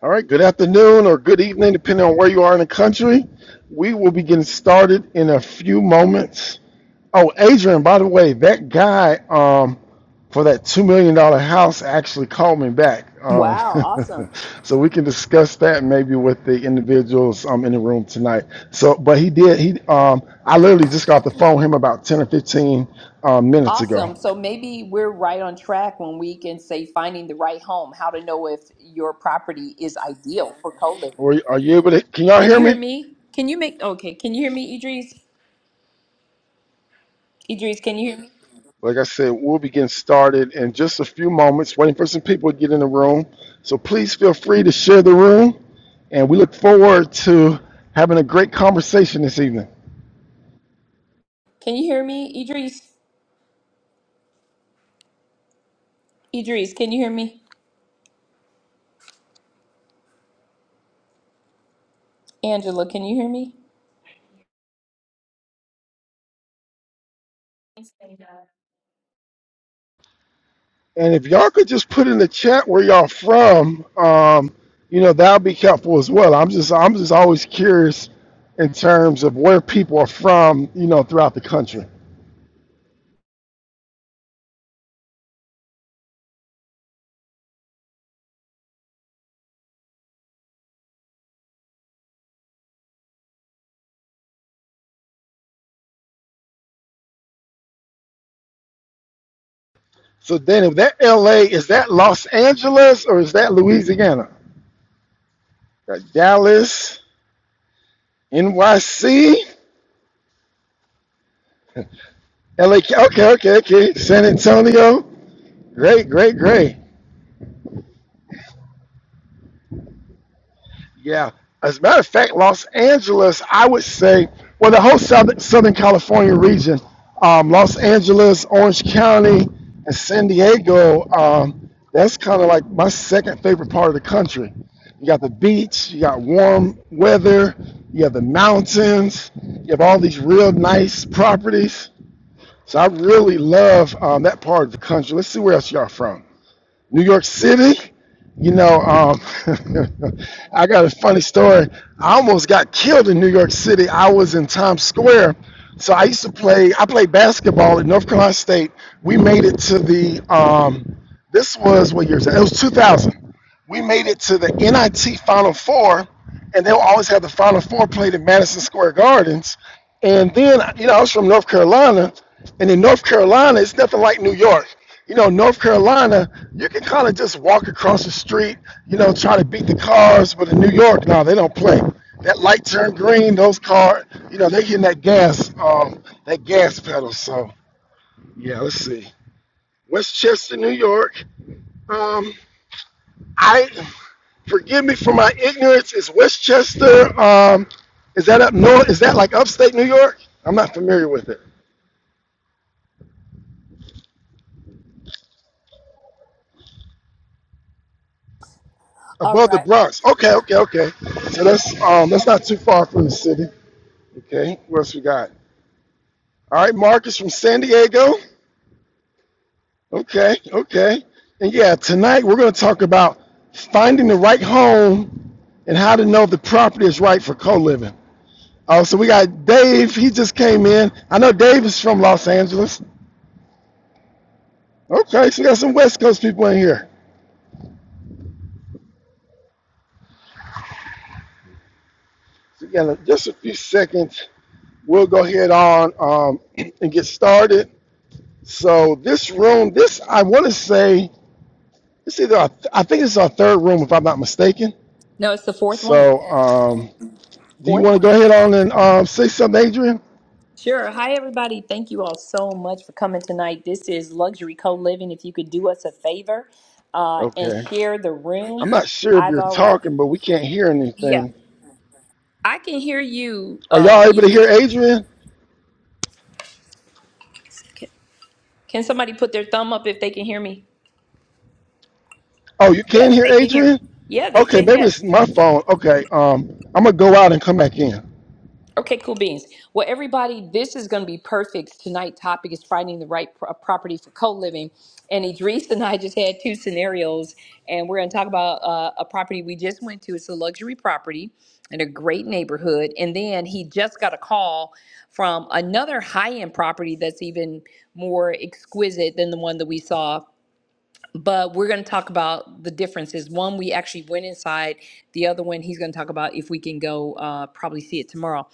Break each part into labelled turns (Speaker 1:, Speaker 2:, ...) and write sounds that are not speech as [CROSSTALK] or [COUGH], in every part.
Speaker 1: All right, good afternoon or good evening, depending on where you are in the country. We will be getting started in a few moments. Oh, Adrian, by the way, that guy um, for that $2 million dollars house actually called me back. Um,
Speaker 2: Wow, awesome.
Speaker 1: [LAUGHS] so we can discuss that maybe with the individuals um, in the room tonight. So, but he did, he, um, I literally just got off the phone with him about 10 or 15 um, minutes
Speaker 2: Awesome.
Speaker 1: ago.
Speaker 2: So maybe we're right on track when we can say finding the right home, how to know if your property is ideal for co-living.
Speaker 1: Were, are you able to, can y'all
Speaker 2: Can
Speaker 1: hear
Speaker 2: you hear
Speaker 1: me?
Speaker 2: me? Can you make okay, can you hear me, Idris? Idris, can you hear me?
Speaker 1: Like I said, we'll be getting started in just a few moments, waiting for some people to get in the room. So please feel free to share the room, and we look forward to having a great conversation this evening.
Speaker 2: Can you hear me, Idris? Idris, can you hear me? Angela, can you hear me?
Speaker 1: And if y'all could just put in the chat where y'all from, um, you know that'll be helpful as well. I'm just I'm just always curious in terms of where people are from, you know, throughout the country. So then, if that L.A. is that Los Angeles or is that Louisiana? Got Dallas, NYC. LA, okay, okay, okay. San Antonio, great, great, great. Yeah. As a matter of fact, Los Angeles, I would say, well, the whole Southern, Southern California region, um, Los Angeles, Orange County, and San Diego, um, that's kind of like my second favorite part of the country. You got the beach, you got warm weather, you have the mountains, you have all these real nice properties. So I really love um, that part of the country. Let's see where else y'all from. New York City. You know, um, [LAUGHS] I got a funny story. I almost got killed in New York City. I was in Times Square. So I used to play, I played basketball at North Carolina State. We made it to the, um, this was what year is that? It was 2000. We made it to the NIT Final Four, and they'll always have the Final Four played in Madison Square Gardens. And then, you know, I was from North Carolina, and in North Carolina, it's nothing like New York. You know, North Carolina, you can kind of just walk across the street, you know, try to beat the cars, but in New York, no, they don't play. That light turned green, those cars, you know, they hitting that gas, um, that gas pedal. So, yeah, let's see. Westchester, New York. Um, I forgive me for my ignorance. Is Westchester, um, is that up north? Is that like upstate New York? I'm not familiar with it.
Speaker 2: All
Speaker 1: Above the
Speaker 2: right.
Speaker 1: Bronx. Okay, okay, okay. So that's um that's not too far from the city. Okay, what else we got? All right, Marcus from San Diego. Okay, okay. And yeah, tonight we're gonna talk about finding the right home and how to know if the property is right for co-living. Oh, so we got Dave, he just came in. I know Dave is from Los Angeles. Okay, so we got some West Coast people in here. So we just a few seconds. We'll go ahead on um, [CLEARS THROAT] and get started. So this room, this I want to say, it's either our, I think it's our third room if I'm not mistaken.
Speaker 2: No, it's the fourth one.
Speaker 1: So um, do you
Speaker 2: Fourth
Speaker 1: want to go
Speaker 2: one.
Speaker 1: ahead on and um, say something, Adrian?
Speaker 2: Sure. Hi, everybody. Thank you all so much for coming tonight. This is Luxury Co Living. If you could do us a favor uh, and
Speaker 1: Okay.
Speaker 2: share the room,
Speaker 1: I'm not sure if
Speaker 2: I've
Speaker 1: you're
Speaker 2: already.
Speaker 1: talking, but we can't hear
Speaker 2: Yeah,
Speaker 1: anything.
Speaker 2: I can hear you,
Speaker 1: Are
Speaker 2: uh,
Speaker 1: y'all able to
Speaker 2: Idris.
Speaker 1: hear Adrian?
Speaker 2: Can, can somebody put their thumb up if they can hear me?
Speaker 1: Oh, you can
Speaker 2: Yes,
Speaker 1: hear
Speaker 2: they can hear me.
Speaker 1: Adrian?
Speaker 2: Yeah, they
Speaker 1: Okay,
Speaker 2: said
Speaker 1: maybe
Speaker 2: yes.
Speaker 1: it's my phone. Okay, um, I'm gonna go out and come back in.
Speaker 2: Okay, cool beans. Well, everybody, this is going to be perfect. Tonight' topic is finding the right pro- property for co-living. And Idris and I just had two scenarios, and we're going to talk about uh, a property we just went to. It's a luxury property in a great neighborhood. And then he just got a call from another high-end property that's even more exquisite than the one that we saw but we're going to talk about the differences. One, we actually went inside. The other one, he's going to talk about if we can go, uh, probably see it tomorrow.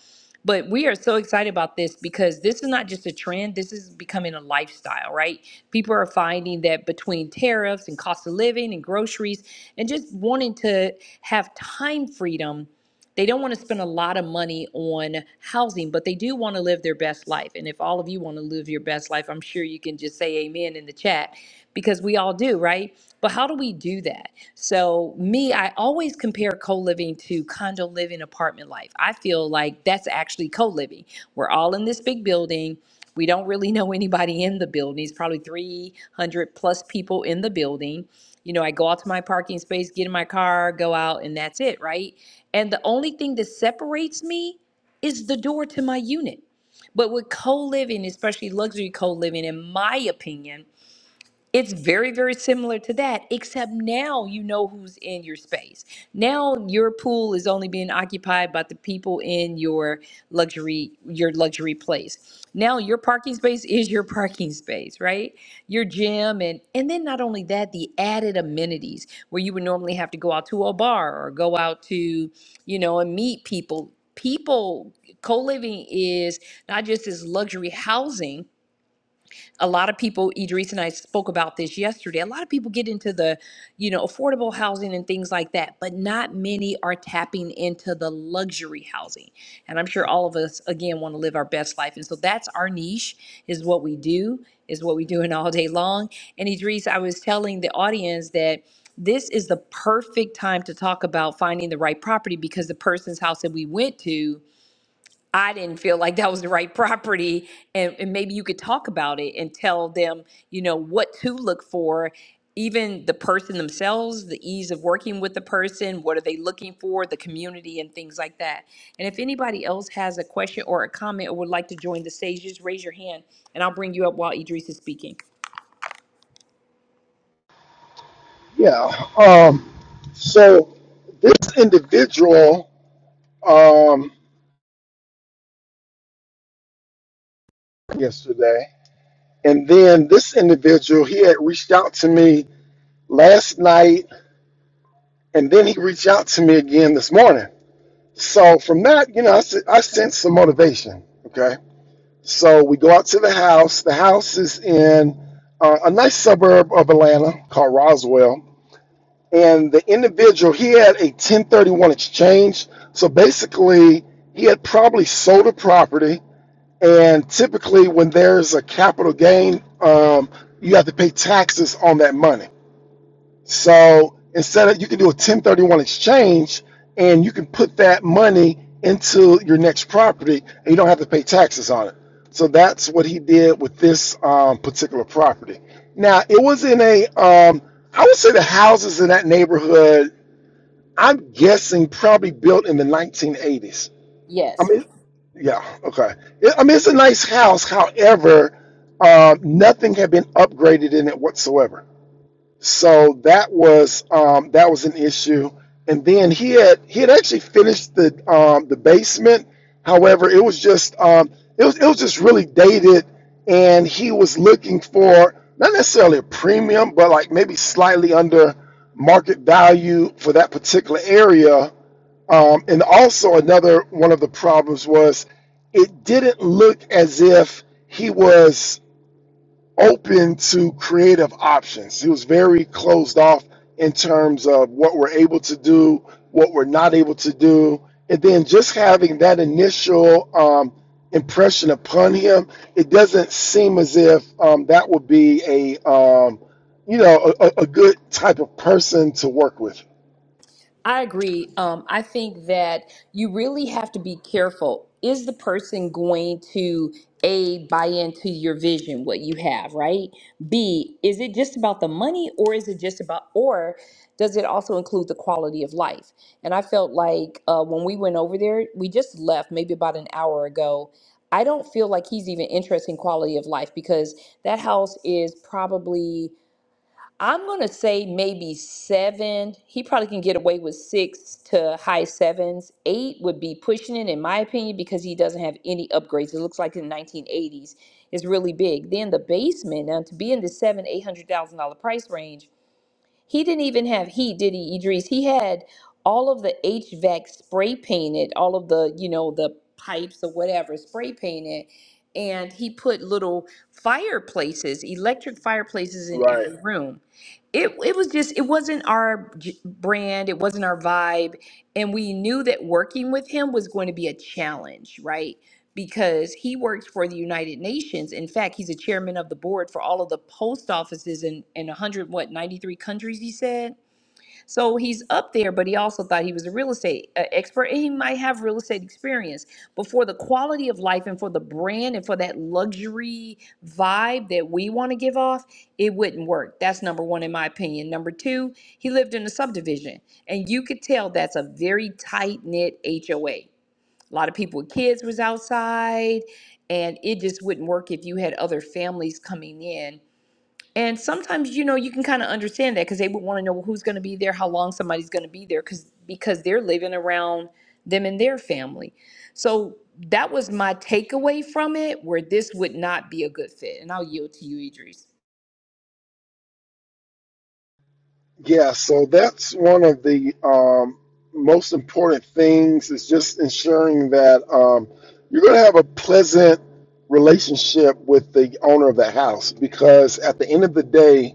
Speaker 2: But we are so excited about this because this is not just a trend, this is becoming a lifestyle, right? People are finding that between tariffs and cost of living and groceries and just wanting to have time freedom they don't want to spend a lot of money on housing, but they do want to live their best life. And if all of you want to live your best life, I'm sure you can just say amen in the chat because we all do, right? But how do we do that? So, me, I always compare co living to condo living, apartment life. I feel like that's actually co living. We're all in this big building. We don't really know anybody in the building. It's probably 300 plus people in the building. You know, I go out to my parking space, get in my car, go out, and that's it, right? And the only thing that separates me is the door to my unit. But with co living, especially luxury co living, in my opinion, it's very, very similar to that, except now you know who's in your space. Now your pool is only being occupied by the people in your luxury, your luxury place. Now your parking space is your parking space, right? Your gym and and then not only that, the added amenities where you would normally have to go out to a bar or go out to, you know, and meet people. People co-living is not just this luxury housing a lot of people, Idris and I spoke about this yesterday. A lot of people get into the, you know, affordable housing and things like that, but not many are tapping into the luxury housing. And I'm sure all of us again want to live our best life. And so that's our niche is what we do, is what we do in all day long. And Idris, I was telling the audience that this is the perfect time to talk about finding the right property because the person's house that we went to I didn't feel like that was the right property. And, and maybe you could talk about it and tell them, you know, what to look for, even the person themselves, the ease of working with the person, what are they looking for, the community, and things like that. And if anybody else has a question or a comment or would like to join the stage, just raise your hand and I'll bring you up while Idris is speaking.
Speaker 1: Yeah. Um, so this individual um, yesterday. And then this individual, he had reached out to me last night, and then he reached out to me again this morning. So from that, you know, I, I sensed some motivation. Okay. So we go out to the house. The house is in uh, a nice suburb of Atlanta called Roswell. And the individual, he had a 1031 exchange. So basically, he had probably sold a property And typically, when there's a capital gain, um, you have to pay taxes on that money. So instead of you can do a 1031 exchange, and you can put that money into your next property, and you don't have to pay taxes on it. So that's what he did with this um, particular property. Now it was in a, um, I would say the houses in that neighborhood. I'm guessing probably built in the 1980s I
Speaker 2: Yes.
Speaker 1: mean, yeah, okay. It, I mean, it's a nice house. However, um, nothing had been upgraded in it whatsoever. So that was um, that was an issue. And then he had he had actually finished the um, the basement. However, it was just um, it was it was just really dated, and he was looking for not necessarily a premium, but like maybe slightly under market value for that particular area um, and also, another one of the problems was it didn't look as if he was open to creative options. He was very closed off in terms of what we're able to do, what we're not able to do. And then just having that initial um, impression upon him, it doesn't seem as if um, that would be a, um, you know, a, a a good type of person to work with.
Speaker 2: I agree. Um, I think that you really have to be careful. Is the person going to A, buy into your vision, what you have, right? B, is it just about the money or is it just about, or does it also include the quality of life? And I felt like uh, when we went over there, we just left maybe about an hour ago. I don't feel like he's even interested in quality of life because that house is probably I'm gonna say maybe seven. He probably can get away with six to high sevens. Eight would be pushing it, in my opinion, because he doesn't have any upgrades. It looks like in the 1980s, it's really big. Then the basement, now to be in the seven, eight hundred thousand dollar price range, he didn't even have heat, did he, Idris? He had all of the HVAC spray painted, all of the, you know, the pipes or whatever spray painted. And he put little fireplaces, electric fireplaces in
Speaker 1: Right.
Speaker 2: every room. It, it was just, it wasn't our j- brand, it wasn't our vibe. And we knew that working with him was going to be a challenge, right? because he works for the United Nations. In fact, he's a chairman of the board for all of the post offices in, in 100, what, 93 countries, he said. So he's up there, but he also thought he was a real estate uh, expert and he might have real estate experience. But for the quality of life and for the brand and for that luxury vibe that we want to give off, it wouldn't work. That's number one, in my opinion. Number two, he lived in a subdivision and you could tell that's a very tight knit HOA a lot of people with kids was outside, and it just wouldn't work if you had other families coming in. And sometimes, you know, you can kind of understand that because they would want to know "Well, who's going to be there, how long somebody's going to be there, because because they're living around them and their family. So that was my takeaway from it, where this would not be a good fit. And I'll yield to you, Idris.
Speaker 1: Yeah, so that's one of the um, most important things is just ensuring that um, you're going to have a pleasant relationship with the owner of the house because at the end of the day,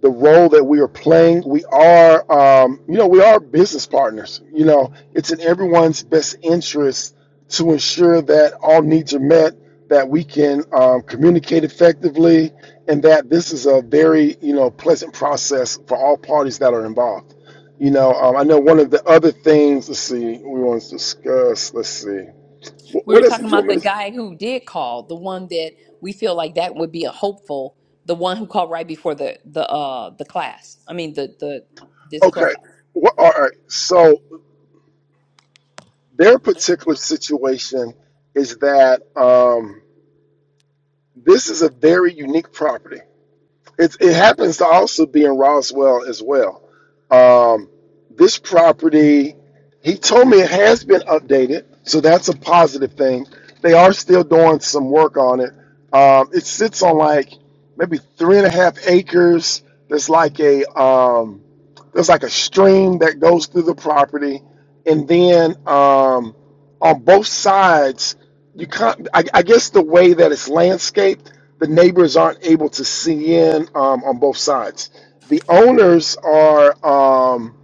Speaker 1: the role that we are playing. We are, um, you know, we are business partners. You know, it's in everyone's best interest to ensure that all needs are met, that we can um, communicate effectively, and that this is a very, you know, pleasant process for all parties that are involved. You know, um, I know one of the other things. Let's see, we want to discuss. Let's see, what,
Speaker 2: we were
Speaker 1: what else
Speaker 2: talking
Speaker 1: did you
Speaker 2: about
Speaker 1: want
Speaker 2: the
Speaker 1: me to?
Speaker 2: guy who did call, the one that we feel like that would be a hopeful, the one who called right before the the uh the class. I mean the the this club.
Speaker 1: Okay, what, all right. So their particular situation is that. Um, This is a very unique property. It, it
Speaker 2: Mhm.
Speaker 1: happens to also be in Roswell as well. Um, this property, he told me it has been updated, so that's a positive thing. They are still doing some work on it. Um, it sits on like maybe three and a half acres. There's like a um, there's like a stream that goes through the property, and then um, on both sides you can't I, I guess the way that it's landscaped the neighbors aren't able to see in um, on both sides the owners are um,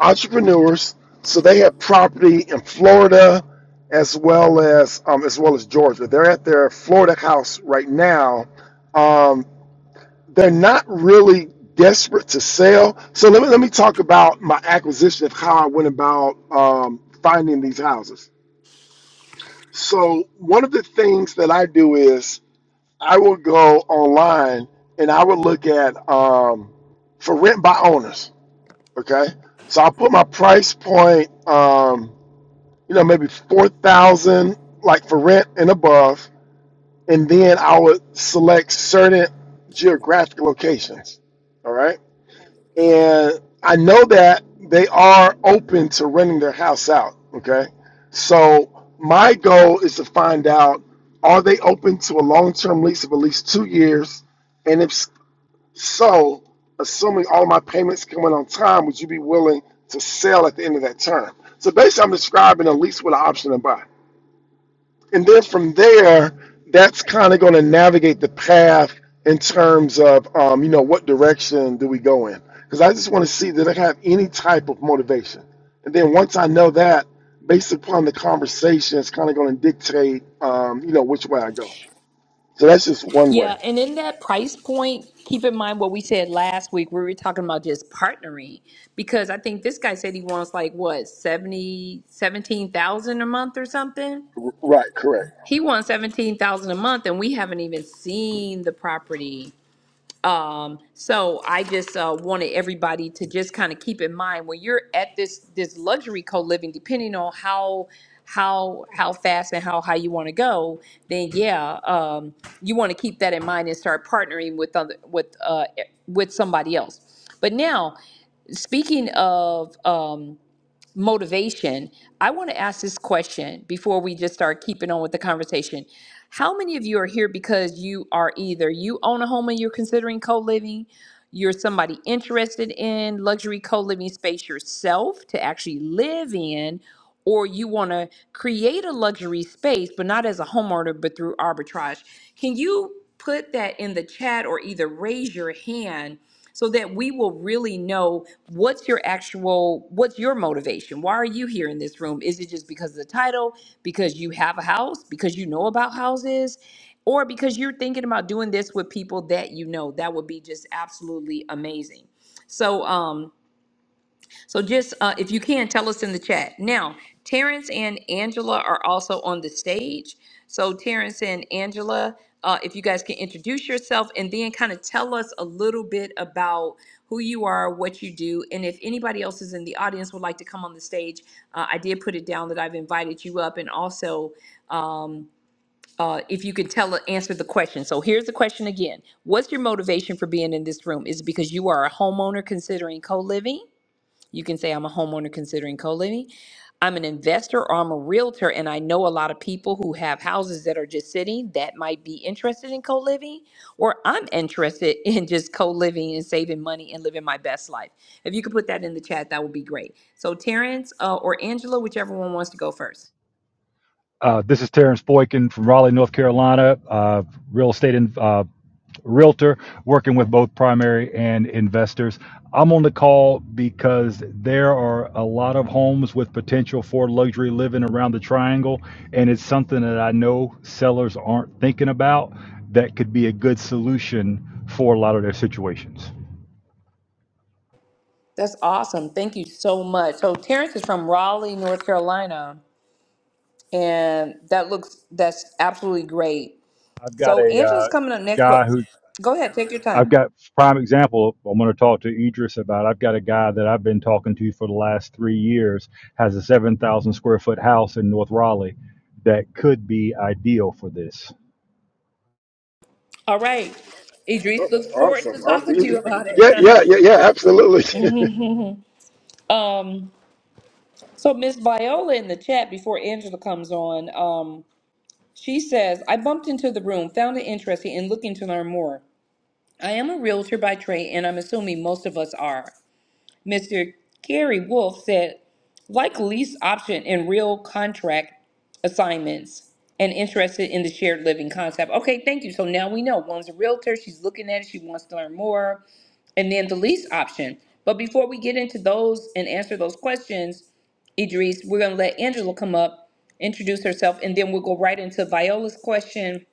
Speaker 1: entrepreneurs so they have property in florida as well as um, as well as georgia they're at their florida house right now um, they're not really desperate to sell so let me let me talk about my acquisition of how i went about um, finding these houses so one of the things that I do is I will go online and I will look at um, for rent by owners. Okay, so I'll put my price point, um, you know, maybe four thousand, like for rent and above, and then I would select certain geographic locations. All right and I know that they are open to renting their house out. Okay, so my goal is to find out are they open to a long-term lease of at least two years, and if s- so, assuming all my payments come in on time, would you be willing to sell at the end of that term? So basically, I'm describing a lease with an option to buy and then from there, that's kind of going to navigate the path in terms of, um, you know, what direction do we go in? Because I just want to see that I have any type of motivation. And then once I know that, based upon the conversation, it's kind of going to dictate, um, you know, which way I go. So that's just one way.
Speaker 2: Yeah, and in that price point, keep in mind what we said last week. We were talking about just partnering because I think this guy said he wants like what 70 17,000 a month or something.
Speaker 1: R- Right, correct.
Speaker 2: He wants 17,000 a month and we haven't even seen the property Um, so I just uh, wanted everybody to just kind of keep in mind when you're at this this luxury co-living, depending on how how how fast and how high you want to go, then yeah, um, you want to keep that in mind and start partnering with other with uh, e, with somebody else. But now, speaking of um, motivation, I want to ask this question before we just start keeping on with the conversation. How many of you are here because you are either you own a home and you're considering co-living, you're somebody interested in luxury co-living space yourself to actually live in, or you want to create a luxury space, but not as a homeowner, but through arbitrage. Can you put that in the chat or either raise your hand so that we will really know what's your actual what's your motivation why are you here in this room is it just because of the title because you have a house because you know about houses or because you're thinking about doing this with people that you know that would be just absolutely amazing so um so just uh, if you can, tell us in the chat. Now, Terrence and Angela are also on the stage. So Terrence and Angela, uh, if you guys can introduce yourself and then kind of tell us a little bit about who you are, what you do, and if anybody else is in the audience would like to come on the stage, uh, I did put it down that I've invited you up, and also um, uh, if you could tell answer the question. So here's the question again: What's your motivation for being in this room? Is it because you are a homeowner considering co-living? You can say I'm a homeowner considering co-living. I'm an investor or I'm a realtor and I know a lot of people who have houses that are just sitting that might be interested in co-living or I'm interested [LAUGHS] in just co-living and saving money and living my best life. If you could put that in the chat, that would be great. So Terrence uh, or Angela, whichever one wants to go first.
Speaker 3: Uh, this is Terrence Boykin from Raleigh, North Carolina, uh, real estate and uh, realtor, working with both primary and investors. I'm on the call because there are a lot of homes with potential for luxury living around the triangle, and it's something that I know sellers aren't thinking about that could be a good solution for a lot of their situations.
Speaker 2: That's awesome. Thank you so much. So Terrence is from Raleigh, North Carolina, and that looks that's absolutely great.
Speaker 3: I've got
Speaker 2: So
Speaker 3: a uh,
Speaker 2: Angela's coming up next,
Speaker 3: guy
Speaker 2: but
Speaker 3: who's
Speaker 2: go ahead, take your
Speaker 3: I've
Speaker 2: time.
Speaker 3: got prime example. I'm going to talk to Idris about. I've got a guy that I've been talking to for the last three years has a 7,000 square foot house in North Raleigh that could be ideal for this
Speaker 2: All right. Idris
Speaker 1: Oh,
Speaker 2: looks forward to
Speaker 1: Awesome. Oh,
Speaker 2: talking to
Speaker 1: y-
Speaker 2: you
Speaker 1: y-
Speaker 2: about it.
Speaker 1: Yeah, yeah, yeah, yeah, absolutely. [LAUGHS]
Speaker 2: [LAUGHS] um, so Miss Viola in the chat before Angela comes on, um, she says, I bumped into the room, found it interesting, and looking to learn more. I am a realtor by trade, and I'm assuming most of us are. Mr. Gary Wolf said, like lease option in real contract assignments and interested in the shared living concept. Okay, thank you. So now we know one's a realtor, she's looking at it, she wants to learn more, and then the lease option. But before we get into those and answer those questions, Idris, we're going to let Angela come up, introduce herself, and then we'll go right into Viola's question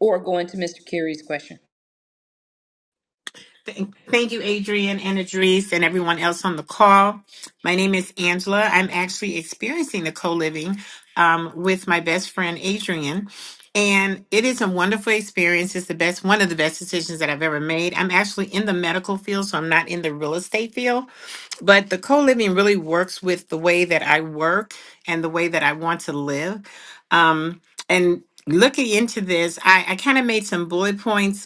Speaker 2: or go into Mr. Carey's question.
Speaker 4: Thank thank you, Adrian and Idris, and everyone else on the call. My name is Angela. I'm actually experiencing the co living um, with my best friend, Adrian. And it is a wonderful experience. It's the best, one of the best decisions that I've ever made. I'm actually in the medical field, so I'm not in the real estate field. But the co living really works with the way that I work and the way that I want to live. Um, and looking into this, I, I kind of made some bullet points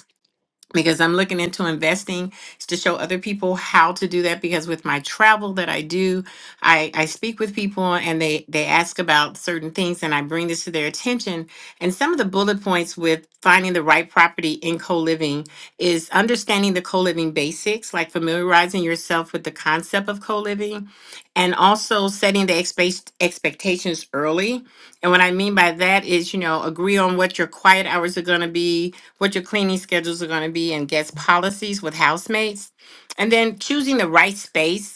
Speaker 4: because I'm looking into investing to show other people how to do that because with my travel that I do, I, I speak with people and they they ask about certain things and I bring this to their attention. And some of the bullet points with finding the right property in co-living is understanding the co-living basics, like familiarizing yourself with the concept of co-living and also setting the expe- expectations early. And what I mean by that is, you know, agree on what your quiet hours are going to be, what your cleaning schedules are going to be and guest policies with housemates. And then choosing the right space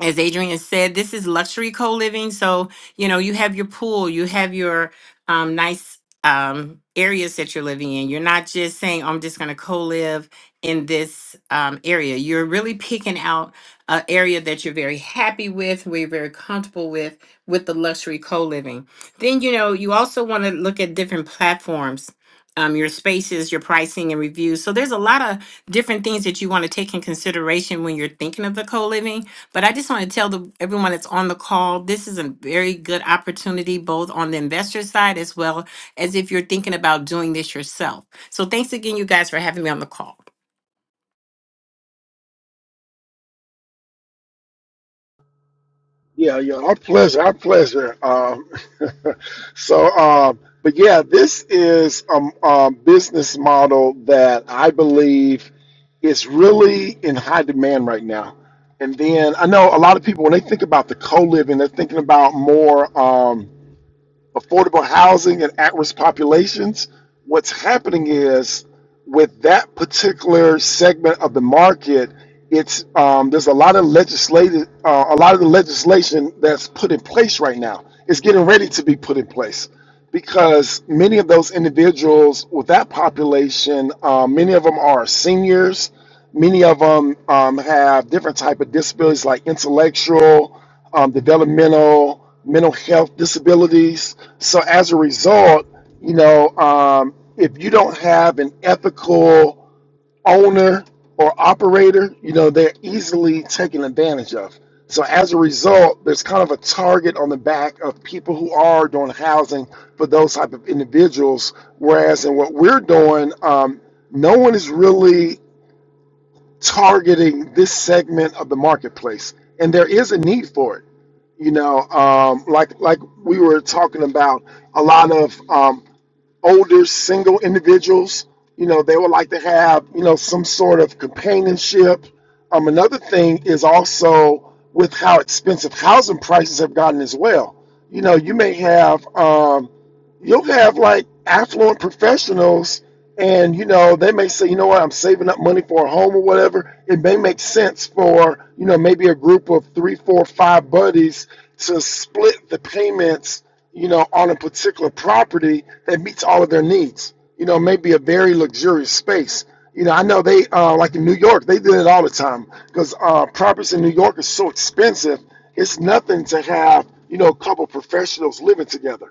Speaker 4: as Adrian said, this is luxury co living. So, you know, you have your pool, you have your um, nice um, areas that you're living in. You're not just saying, I'm just going to co live in this um, area. You're really picking out an area that you're very happy with, where you're very comfortable with, with the luxury co living. Then, you know, you also want to look at different platforms. Um, your spaces, your pricing, and reviews. So, there's a lot of different things that you want to take in consideration when you're thinking of the co living but I just want to tell the, everyone that's on the call, this is a very good opportunity, both on the investor side as well as if you're thinking about doing this yourself. So thanks again, you guys, for having me on the call.
Speaker 1: Yeah, yeah, our pleasure, our pleasure. Um, [LAUGHS] so, um, but yeah, this is a, a business model that I believe is really in high demand right now. And then I know a lot of people when they think about the co-living, they're thinking about more. Um, affordable housing and at-risk populations, what's happening is with that particular segment of the market, it's um, there's a lot of legislative, uh, a lot of the legislation that's put in place right now. It's getting ready to be put in place because many of those individuals with that population, uh, many of them are seniors many of them um, have different type of disabilities like intellectual um, developmental mental health disabilities so as a result you know um, if you don't have an ethical owner or operator you know they're easily taken advantage of so as a result there's kind of a target on the back of people who are doing housing for those type of individuals whereas in what we're doing um, no one is really targeting this segment of the marketplace, and there is a need for it. You know, um, like like we were talking about, a lot of um, older single individuals you know they would like to have you know some sort of companionship um, another thing is also with how expensive housing prices have gotten as well you know you may have um, you'll have like affluent professionals and you know they may say you know what i'm saving up money for a home or whatever it may make sense for you know maybe a group of three four five buddies to split the payments you know, on a particular property that meets all of their needs. You know, maybe a very luxurious space. You know, I know they uh, like in New York, they do it all the time because uh, properties in New York are so expensive. It's nothing to have you know a couple professionals living together.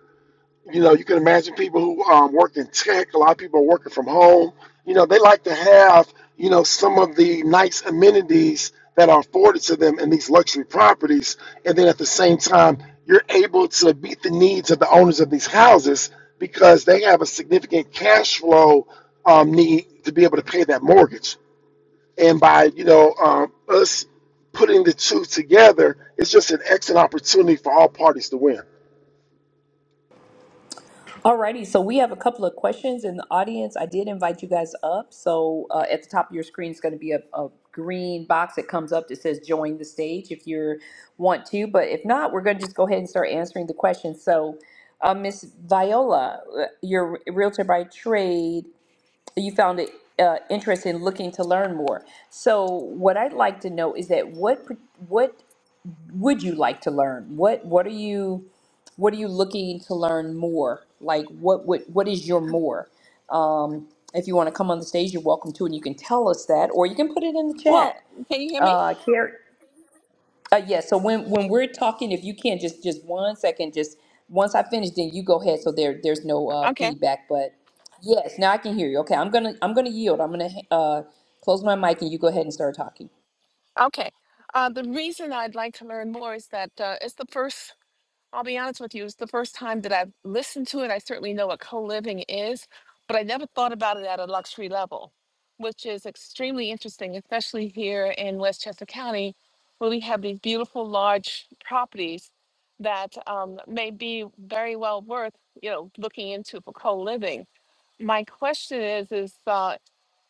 Speaker 1: You know, you can imagine people who um, work in tech. A lot of people are working from home. You know, they like to have you know some of the nice amenities that are afforded to them in these luxury properties, and then at the same time, you're able to meet the needs of the owners of these houses because they have a significant cash flow um, need to be able to pay that mortgage. And by you know um, us putting the two together, it's just an excellent opportunity for all parties to win.
Speaker 2: Alrighty, so we have a couple of questions in the audience. I did invite you guys up. So uh, at the top of your screen is going to be a, a green box that comes up that says "Join the stage" if you want to. But if not, we're going to just go ahead and start answering the questions. So, uh, Miss Viola, uh, you're a realtor by trade. You found it uh, interesting looking to learn more. So, what I'd like to know is that what what would you like to learn? What what are you what are you looking to learn more? Like what what what is your more? Um, if you want to come on the stage, you're welcome to, and you can tell us that, or you can put it in the
Speaker 5: Well,
Speaker 2: chat.
Speaker 5: can you hear me?
Speaker 2: Uh, Carrie. Uh, yeah. So when when we're talking, if you can just just one second, just once I finish, then you go ahead. So there there's no uh,
Speaker 5: Okay,
Speaker 2: feedback, but yes, now I can hear you. Okay, I'm gonna I'm gonna yield. I'm gonna uh, close my mic, and you go ahead and start talking.
Speaker 5: okay. Uh, the reason I'd like to learn more is that uh, it's the first, I'll be honest with you, it's the first time that I've listened to it. I certainly know what co living is, but I never thought about it at a luxury level, which is extremely interesting, especially here in Westchester County, where we have these beautiful large properties that um, may be very well worth, you know, looking into for co living my question is, is uh,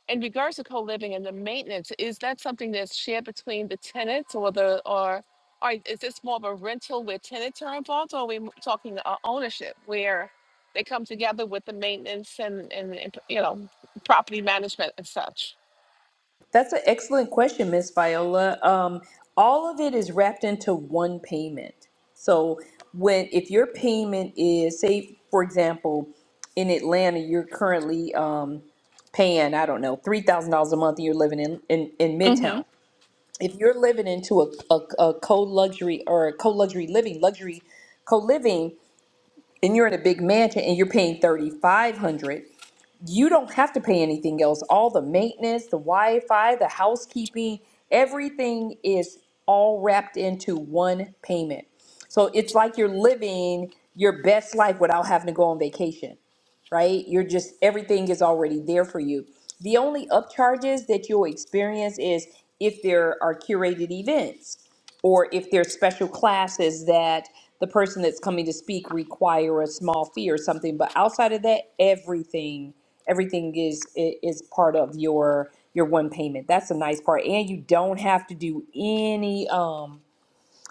Speaker 5: in regards to co-living and the maintenance, is that something that's shared between the tenants or the, or, or is this more of a rental where tenants are involved, or are we m- talking uh, ownership where they come together with the maintenance and, and, and, you know, property management and such?
Speaker 2: That's an excellent question, Miss Viola. Um, all of it is wrapped into one payment. So when if your payment is, say, for example, in Atlanta, you're currently um, paying, I don't know, three thousand dollars a month, and you're living in, in in
Speaker 5: Mm-hmm.
Speaker 2: Midtown. If you're living into a a, a co luxury or a co luxury living, luxury co living, and you're in a big mansion, and you're paying thirty five hundred you don't have to pay anything else. All the maintenance, the Wi Fi, the housekeeping, everything is all wrapped into one payment. So it's like you're living your best life without having to go on vacation, right? You're just, everything is already there for you. The only upcharges that you'll experience is if there are curated events or if there's special classes that the person that's coming to speak require a small fee or something but outside of that everything everything is i- is part of your your one payment that's a nice part and you don't have to do any um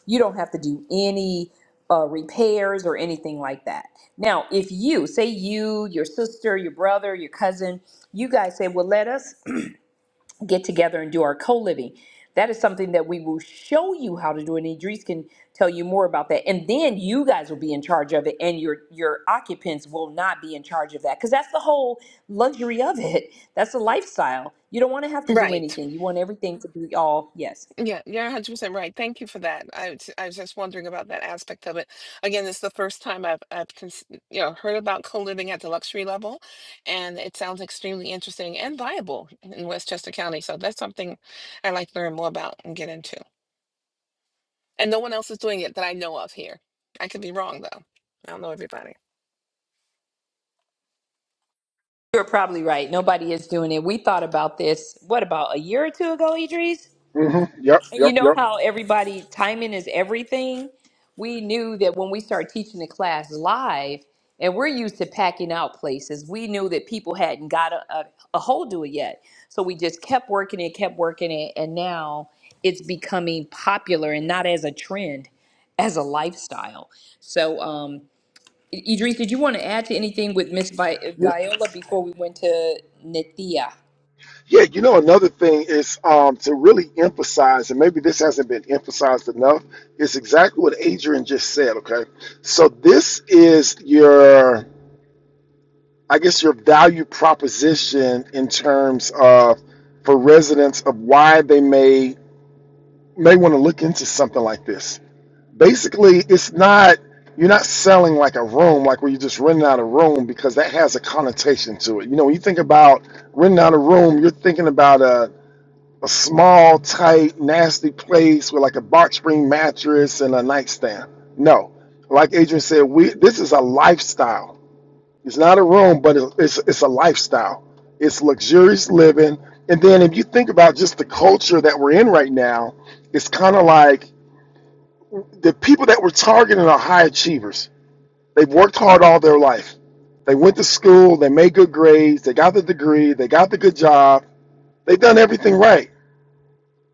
Speaker 2: you don't have to do any uh, repairs or anything like that now if you say you your sister your brother your cousin you guys say well let us get together and do our co-living. That is something that we will show you how to do, and Idris can tell you more about that. And then you guys will be in charge of it, and your your occupants will not be in charge of that because that's the whole luxury of it. That's the lifestyle. You don't want to have to do
Speaker 5: Right.
Speaker 2: anything. You want everything to be all yes.
Speaker 5: Yeah, you're 100% right. Thank you for that. I was, I was just wondering about that aspect of it. Again, it's the first time I've I've cons you know heard about co-living at the luxury level, and it sounds extremely interesting and viable in Westchester County. So that's something I like to learn more about and get into. And no one else is doing it that I know of here. I could be wrong though. I don't know everybody.
Speaker 2: You're probably right. Nobody is doing it. We thought about this. What about a year or two ago, Idris?
Speaker 1: mm hmm Yep,
Speaker 2: And you
Speaker 1: yep,
Speaker 2: know
Speaker 1: yep.
Speaker 2: how everybody timing is everything? We knew that when we start teaching the class live, and we're used to packing out places, we knew that people hadn't got a, a, a hold to it yet. So we just kept working it, kept working it, and now it's becoming popular and not as a trend, as a lifestyle. So, um, I- Idris, did you want to add to anything with Miss Vi-
Speaker 1: You
Speaker 2: Viola before we went to Nithia?
Speaker 1: Yeah, you know, another thing is um, to really emphasize, and maybe this hasn't been emphasized enough, is exactly what Adrian just said. Okay. So, this is your, I guess, your value proposition in terms of for residents of why they may may want to look into something like this. Basically, it's not you're not selling like a room, like where you're just renting out a room because that has a connotation to it. You know, when you think about renting out a room, you're thinking about a a small, tight, nasty place with like a box spring mattress and a nightstand. No, like Adrian said, we this is a lifestyle. It's not a room, but it's it's, it's a lifestyle. It's luxurious living. And then if you think about just the culture that we're in right now, it's kind of like the people that we're targeting are high achievers. They've worked hard all their life. They went to school, they made good grades, they got the degree, they got the good job, they've done everything right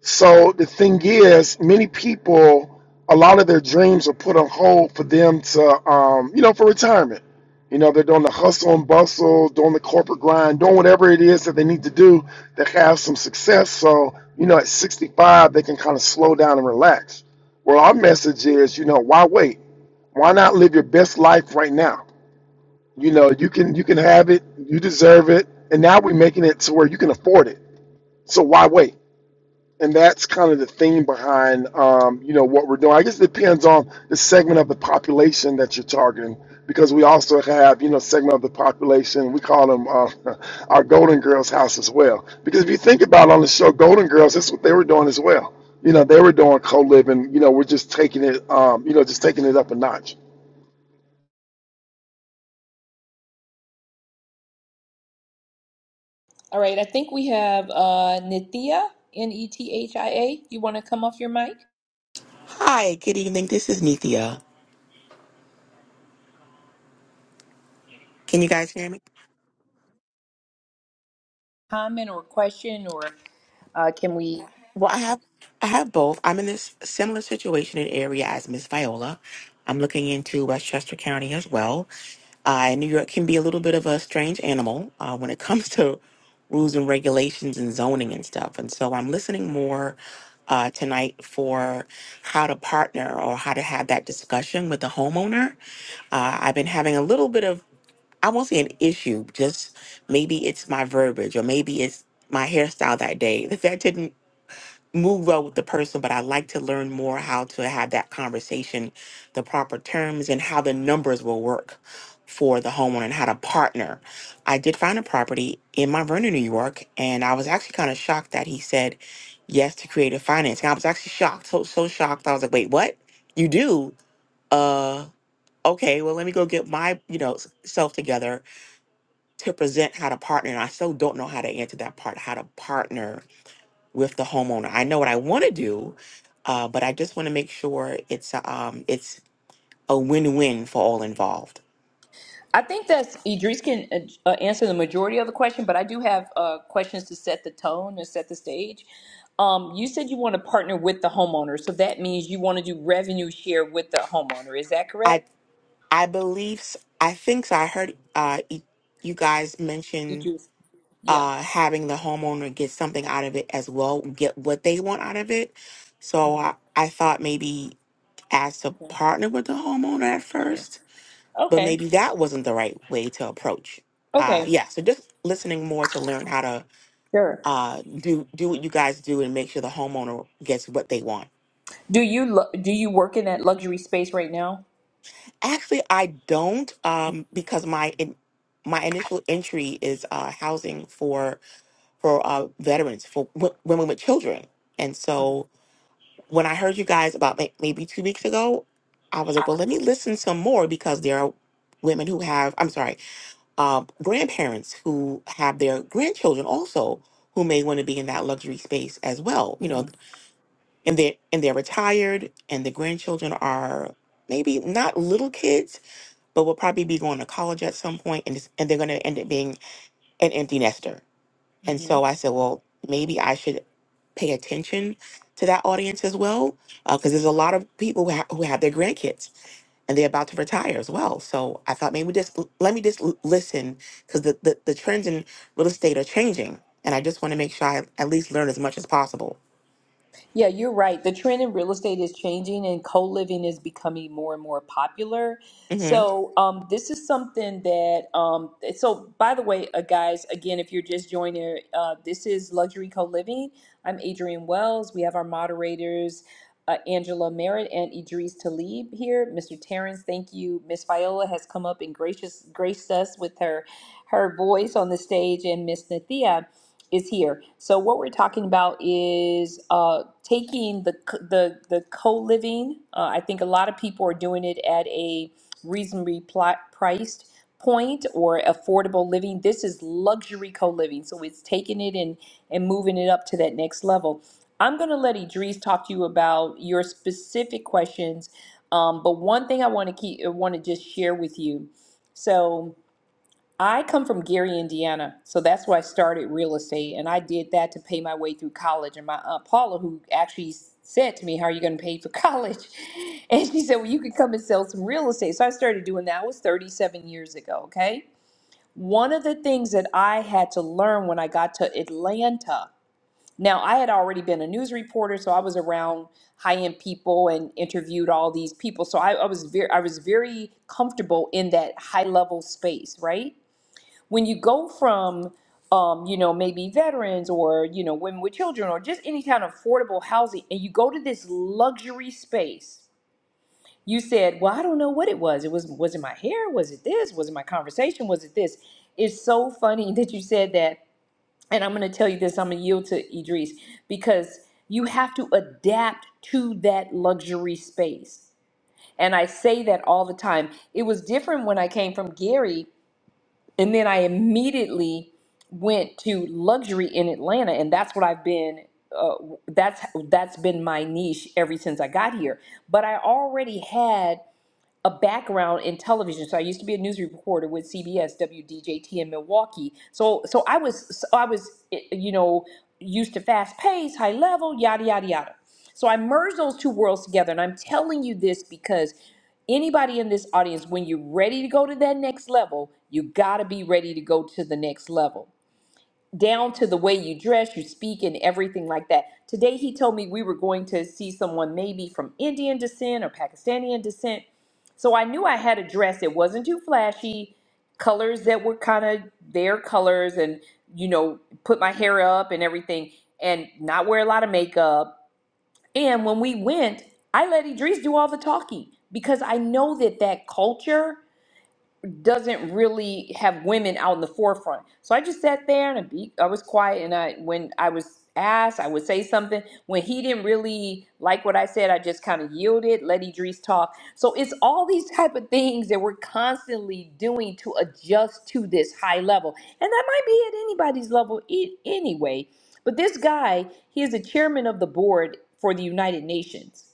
Speaker 1: So the thing is, many people, a lot of their dreams are put on hold for them to, um, you know, for retirement. You know, they're doing the hustle and bustle, doing the corporate grind, doing whatever it is that they need to do to have some success. So, you know, at 65, they can kind of slow down and relax. Well, our message is, you know, why wait? Why not live your best life right now? You know, you can you can have it, you deserve it, and now we're making it to where you can afford it. So why wait? and that's kind of the theme behind um, you know what we're doing. I guess it depends on the segment of the population that you're targeting, because we also have you know segment of the population we call them uh, [LAUGHS] our Golden Girls house as well. Because if you think about on the show Golden Girls, that's what they were doing as well. You know they were doing co-living. You know we're just taking it um, you know just taking it up a notch.
Speaker 2: All right, I think we have uh, Nithya, N E T H I A. You want to come off your mic?
Speaker 6: Hi, good evening. This is Nithya. Can you guys hear me?
Speaker 2: Comment or question, or uh, can we?
Speaker 6: Well, I have I have both. I'm in this similar situation and area as Miss Viola. I'm looking into Westchester County as well. Uh, New York can be a little bit of a strange animal uh, when it [LAUGHS] comes to rules and regulations and zoning and stuff. And so I'm listening more uh, tonight for how to partner or how to have that discussion with the homeowner. Uh, I've been having a little bit of I won't say an issue, just maybe it's my verbiage or maybe it's my hairstyle that day. [LAUGHS] The fact didn't move well with the person, but I like to learn more how to have that conversation, the proper terms, and how the numbers will work for the homeowner and how to partner. I did find a property in Mount Vernon, New York, and I was actually kind of shocked that he said yes to creative financing. I was actually shocked, so so shocked. I was like, wait, what? You do? Uh okay, well let me go get my, you know, s- self together to present how to partner. And I still don't know how to answer that part, how to partner with the homeowner. I know what I want to do, uh, but I just want to make sure it's a, um, it's a win-win for all involved.
Speaker 2: I think that's Idris can uh, uh, answer the majority of the question, but I do have uh, questions to set the tone and set the stage. Um, you said you want to partner with the homeowner, so that means you want to do revenue share with the homeowner. Is that
Speaker 6: I
Speaker 2: correct?
Speaker 6: I believe s- I think so. I heard uh, y- you guys mention
Speaker 2: Idris, yeah.
Speaker 6: uh, having the homeowner get something out of it as well, get what they want out of it. So
Speaker 2: hmm
Speaker 6: I, I thought maybe as to
Speaker 2: Okay.
Speaker 6: partner with the homeowner at
Speaker 2: Sure.
Speaker 6: first but
Speaker 2: Okay.
Speaker 6: maybe that wasn't the right way to approach. Uh,
Speaker 2: Okay.
Speaker 6: yeah, so just listening more to learn how to
Speaker 2: Sure.
Speaker 6: uh, do do what you guys do and make sure the homeowner gets what they want.
Speaker 2: Do you lu- do you work in that luxury space right now?
Speaker 6: Actually, I don't um, because my in, my initial entry is uh, housing for for uh, veterans for w- women with children, and so when I heard you guys about may- maybe two weeks ago, I was like, well, let me listen some more because there are women who have. I'm sorry uh, grandparents who have their grandchildren also who may want to be in that luxury space as well you
Speaker 2: Mhm.
Speaker 6: know and they're and they're retired and the grandchildren are maybe not little kids but will probably be going to college at some point and, it's- and they're going to end up being an empty nester and so
Speaker 2: Mhm.
Speaker 6: i said well maybe i should pay attention to that audience as well because there's a lot of people who, ha- who have their grandkids and they're about to retire as well. So I thought maybe just let me just l- listen because the, the, the trends in real estate are changing. And I just want to make sure I at least learn as much as possible.
Speaker 2: Yeah, you're right. The trend in real estate is changing and co-living is becoming more and more popular.
Speaker 6: hmm
Speaker 2: So, um, this is something that, um, eh, so by the way, uh, guys, again, if you're just joining, uh, this is Luxury Co-Living. I'm Adrienne Wells. We have our moderators, uh, Angela Merritt and Idris Talib here. Mr. Terrence, thank you. Miss Viola has come up and gracious graced us with her her voice on the stage and Miss Nathia. is here. So what we're talking about is uh, taking the c- the the co-living. Uh, I think a lot of people are doing it at a reasonably pli- priced point or affordable living. This is luxury co-living, so it's taking it and and moving it up to that next level. I'm going to let Idris talk to you about your specific questions, um, but one thing I want to keep want to just share with you. So I come from Gary, Indiana, so that's where I started real estate, and I did that to pay my way through college. And my aunt Paula, who actually said to me, "How are you going to pay for college?" [LAUGHS] and she said, "Well, you could come and sell some real estate." So I started doing that. It was 37 years ago. Okay, one of the things that I had to learn when I got to Atlanta. Now, I had already been a news reporter, so I was around high-end people and interviewed all these people. So I, I was very, I was very comfortable in that high-level space, right? when you go from um, you know maybe veterans or you know women with children or just any kind of affordable housing and you go to this luxury space you said well i don't know what it was it was was it my hair was it this was it my conversation was it this it's so funny [LAUGHS] that you said that and i'm going to tell you this i'm going to yield to idris because you have to adapt to that luxury space and i say that all the time it was different when i came from gary and then I immediately went to luxury in Atlanta, and that's what I've been. Uh, that's that's been my niche ever since I got here. But I already had a background in television. So I used to be a news reporter with CBS, WDJT in Milwaukee. So so I was so I was eh, you know used to fast pace, high level, yada yada yada. So I merged those two worlds together, and I'm telling you this because anybody in this audience, when you're ready to go to that next level, you gotta be ready to go to the next level down to the way you dress, you speak, and everything like that. Today, he told me we were going to see someone maybe from Indian descent or Pakistani descent. So I knew I had a dress. It wasn't too flashy, colors that were kind of their colors, and, you know, put my hair up and everything, and not wear a lot of makeup. And when we went, I let Idris do all the talking because I know that that culture doesn't really have women out in the forefront. So I just sat there and I, be, I was quiet. And I, when I was asked, I would say something. When he didn't really like what I said, I just kind of yielded, let Idris talk. So it's all these type of things that we're constantly doing to adjust to this high level, and that might be at anybody's level e- anyway. But this guy, he is the chairman of the board for the United Nations.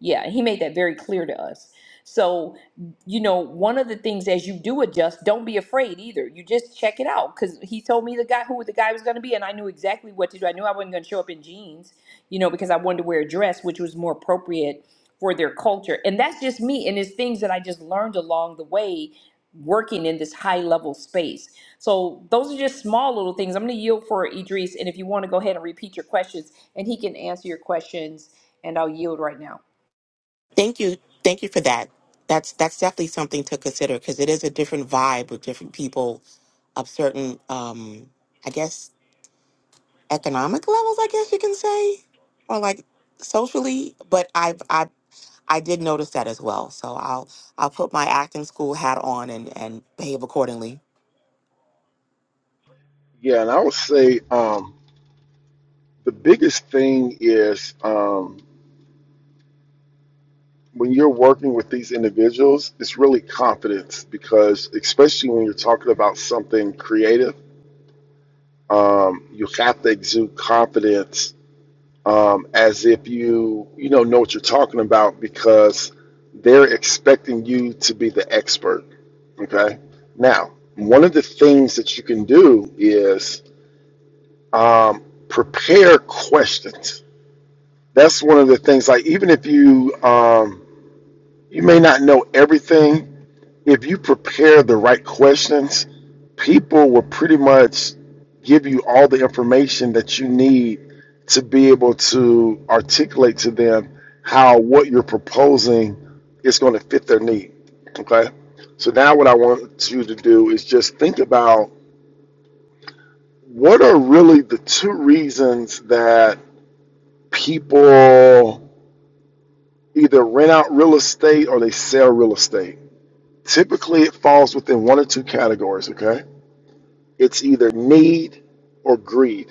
Speaker 2: Yeah, he made that very clear to us. So you know, one of the things as you do adjust, don't be afraid either. You just check it out because he told me the guy who the guy was going to be, and I knew exactly what to do. I knew I wasn't going to show up in jeans, you know, because I wanted to wear a dress, which was more appropriate for their culture. And that's just me, and it's things that I just learned along the way working in this high level space. So those are just small little things. I'm going to yield for Idris, and if you want to go ahead and repeat your questions, and he can answer your questions, and I'll yield right now.
Speaker 6: Thank you. Thank you for that. That's that's definitely something to consider because it is a different vibe with different people of certain, um, I guess, economic levels, I guess you can say, or like socially. But I've, i I did notice that as well. So I'll I'll put my acting school hat on and, and behave accordingly.
Speaker 1: Yeah, and I would say um, the biggest thing is um, when you're working with these individuals, it's really confidence because, especially when you're talking about something creative, um, you have to exude confidence um, as if you you know know what you're talking about because they're expecting you to be the expert. Okay. Now, one of the things that you can do is um, prepare questions. That's one of the things. Like even if you um, you may not know everything if you prepare the right questions, people will pretty much give you all the information that you need to be able to articulate to them how what you're proposing is going to fit their need. Okay. So now what I want you to do is just think about what are really the two reasons that people either rent out real estate or they sell real estate. Typically, it falls within one or two categories. Okay. It's either need or greed.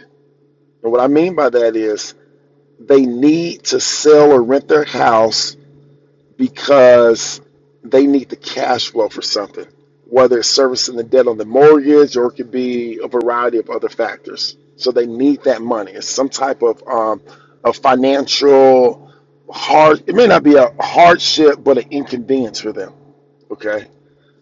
Speaker 1: And what I mean by that is they need to sell or rent their house because they need the cash flow for something, whether it's servicing the debt on the mortgage or it could be a variety of other factors. So they need that money. It's some type of um, a financial hard. It may not be a hardship, but an inconvenience for them. Okay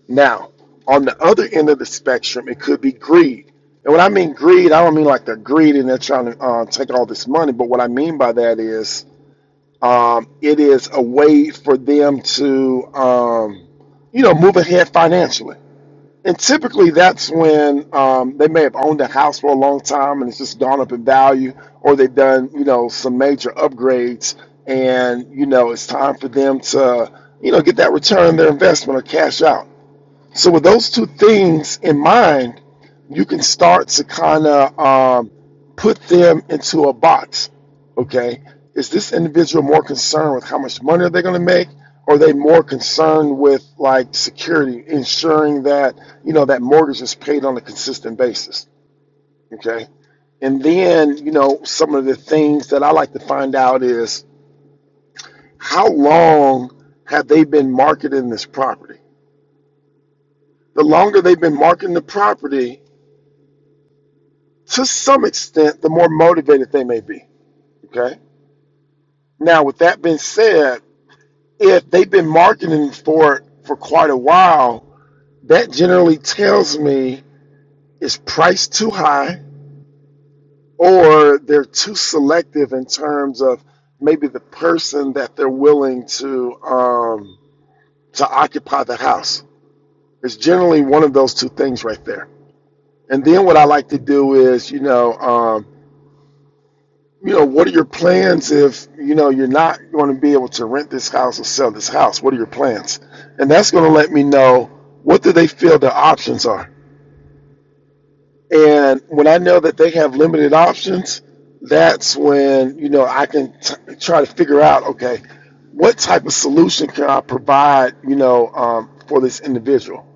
Speaker 1: now, on the other end of the spectrum, it could be greed. And when I mean greed, I don't mean like they're greedy and they're trying to uh, take all this money. But what I mean by that is um, it is a way for them to, um, you know, move ahead financially. And typically that's when um, they may have owned a house for a long time and it's just gone up in value, or they've done, you know, some major upgrades. And, you know, it's time for them to, you know, get that return on their investment or cash out. So with those two things in mind, you can start to kind of um, put them into a box. Okay, is this individual more concerned with how much money are they going to make, or are they more concerned with like security, ensuring that you know that mortgage is paid on a consistent basis? Okay, and then you know some of the things that I like to find out is how long have they been marketing this property? The longer they've been marketing the property, to some extent, the more motivated they may be. Okay. Now, with that being said, if they've been marketing for it for quite a while, that generally tells me it's priced too high or they're too selective in terms of maybe the person that they're willing to um, to occupy the house. It's generally one of those two things right there. And then what I like to do is, you know, um, you know, what are your plans if you know you're not going to be able to rent this house or sell this house? What are your plans? And that's going to let me know what do they feel their options are. And when I know that they have limited options, that's when you know I can t- try to figure out okay, what type of solution can I provide? You know, um, for this individual.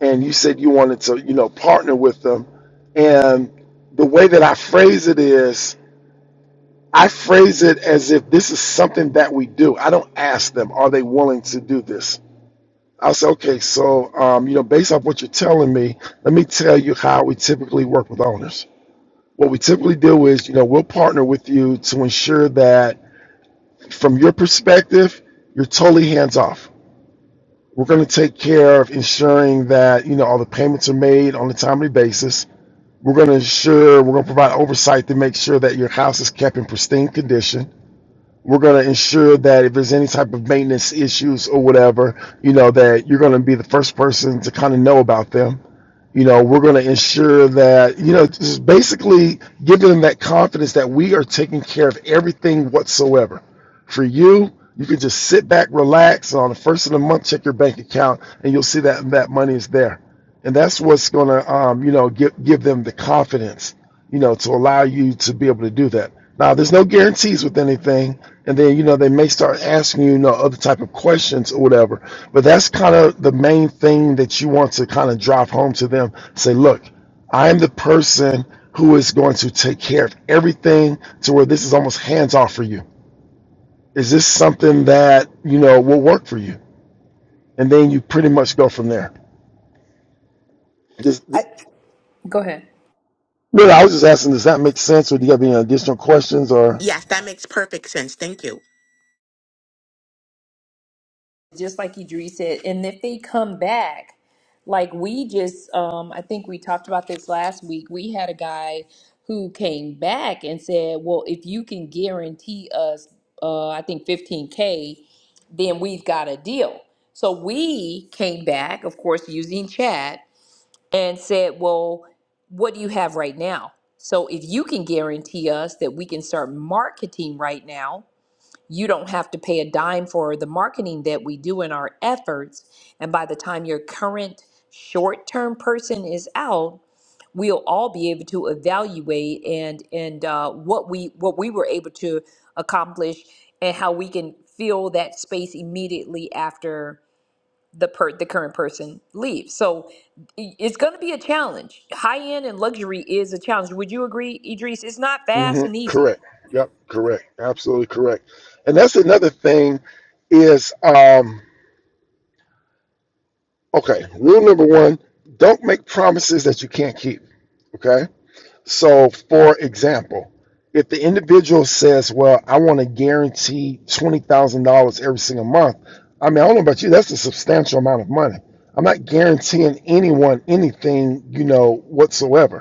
Speaker 1: And you said you wanted to you know partner with them, and the way that I phrase it is I phrase it as if this is something that we do. I don't ask them, are they willing to do this? I'll say, okay, so um, you know, based off what you're telling me, let me tell you how we typically work with owners. What we typically do is, you know, we'll partner with you to ensure that from your perspective, you're totally hands off. We're going to take care of ensuring that, you know, all the payments are made on a timely basis. We're going to ensure, we're going to provide oversight to make sure that your house is kept in pristine condition We're going to ensure that if there's any type of maintenance issues or whatever, you know, that you're going to be the first person to kind of know about them. You know, we're going to ensure that, you know, just basically giving them that confidence that we are taking care of everything whatsoever. For you, you can just sit back, relax, and on the first of the month, check your bank account, and you'll see that that money is there. And that's what's going to, um, you know, give, give them the confidence you know, to allow you to be able to do that. Now, there's no guarantees with anything, and then you know they may start asking you, you know other type of questions or whatever. But that's kind of the main thing that you want to kind of drive home to them. Say, look, I am the person who is going to take care of everything to where this is almost hands off for you. Is this something that you know will work for you? And then you pretty much go from there. Just,
Speaker 2: I, go ahead.
Speaker 1: really, I was just asking, does that make sense, or do you have any additional questions or?
Speaker 6: Yes, that makes perfect sense. Thank you.
Speaker 2: just like Idris said, and if they come back, like we just, um, I think we talked about this last week. We had a guy who came back and said, "Well, if you can guarantee us, uh, I think 15k, then we've got a deal." So we came back, of course, using chat and said, "Well, what do you have right now?" So if you can guarantee us that we can start marketing right now, you don't have to pay a dime for the marketing that we do in our efforts. And by the time your current short term person is out, we'll all be able to evaluate and and uh, what we what we were able to accomplish and how we can fill that space immediately after the per the current person leaves. So i- it's going to be a challenge. High end and luxury is a challenge. Would you agree, Idris? It's not fast
Speaker 1: hmm
Speaker 2: and easy.
Speaker 1: Correct. Yep. Correct. Absolutely correct. And that's another thing is um okay. Rule number one: don't make promises that you can't keep. Okay. So, for example, if the individual says, "Well, I want to guarantee twenty thousand dollars every single month," I mean, I don't know about you. That's a substantial amount of money. I'm not guaranteeing anyone anything, you know, whatsoever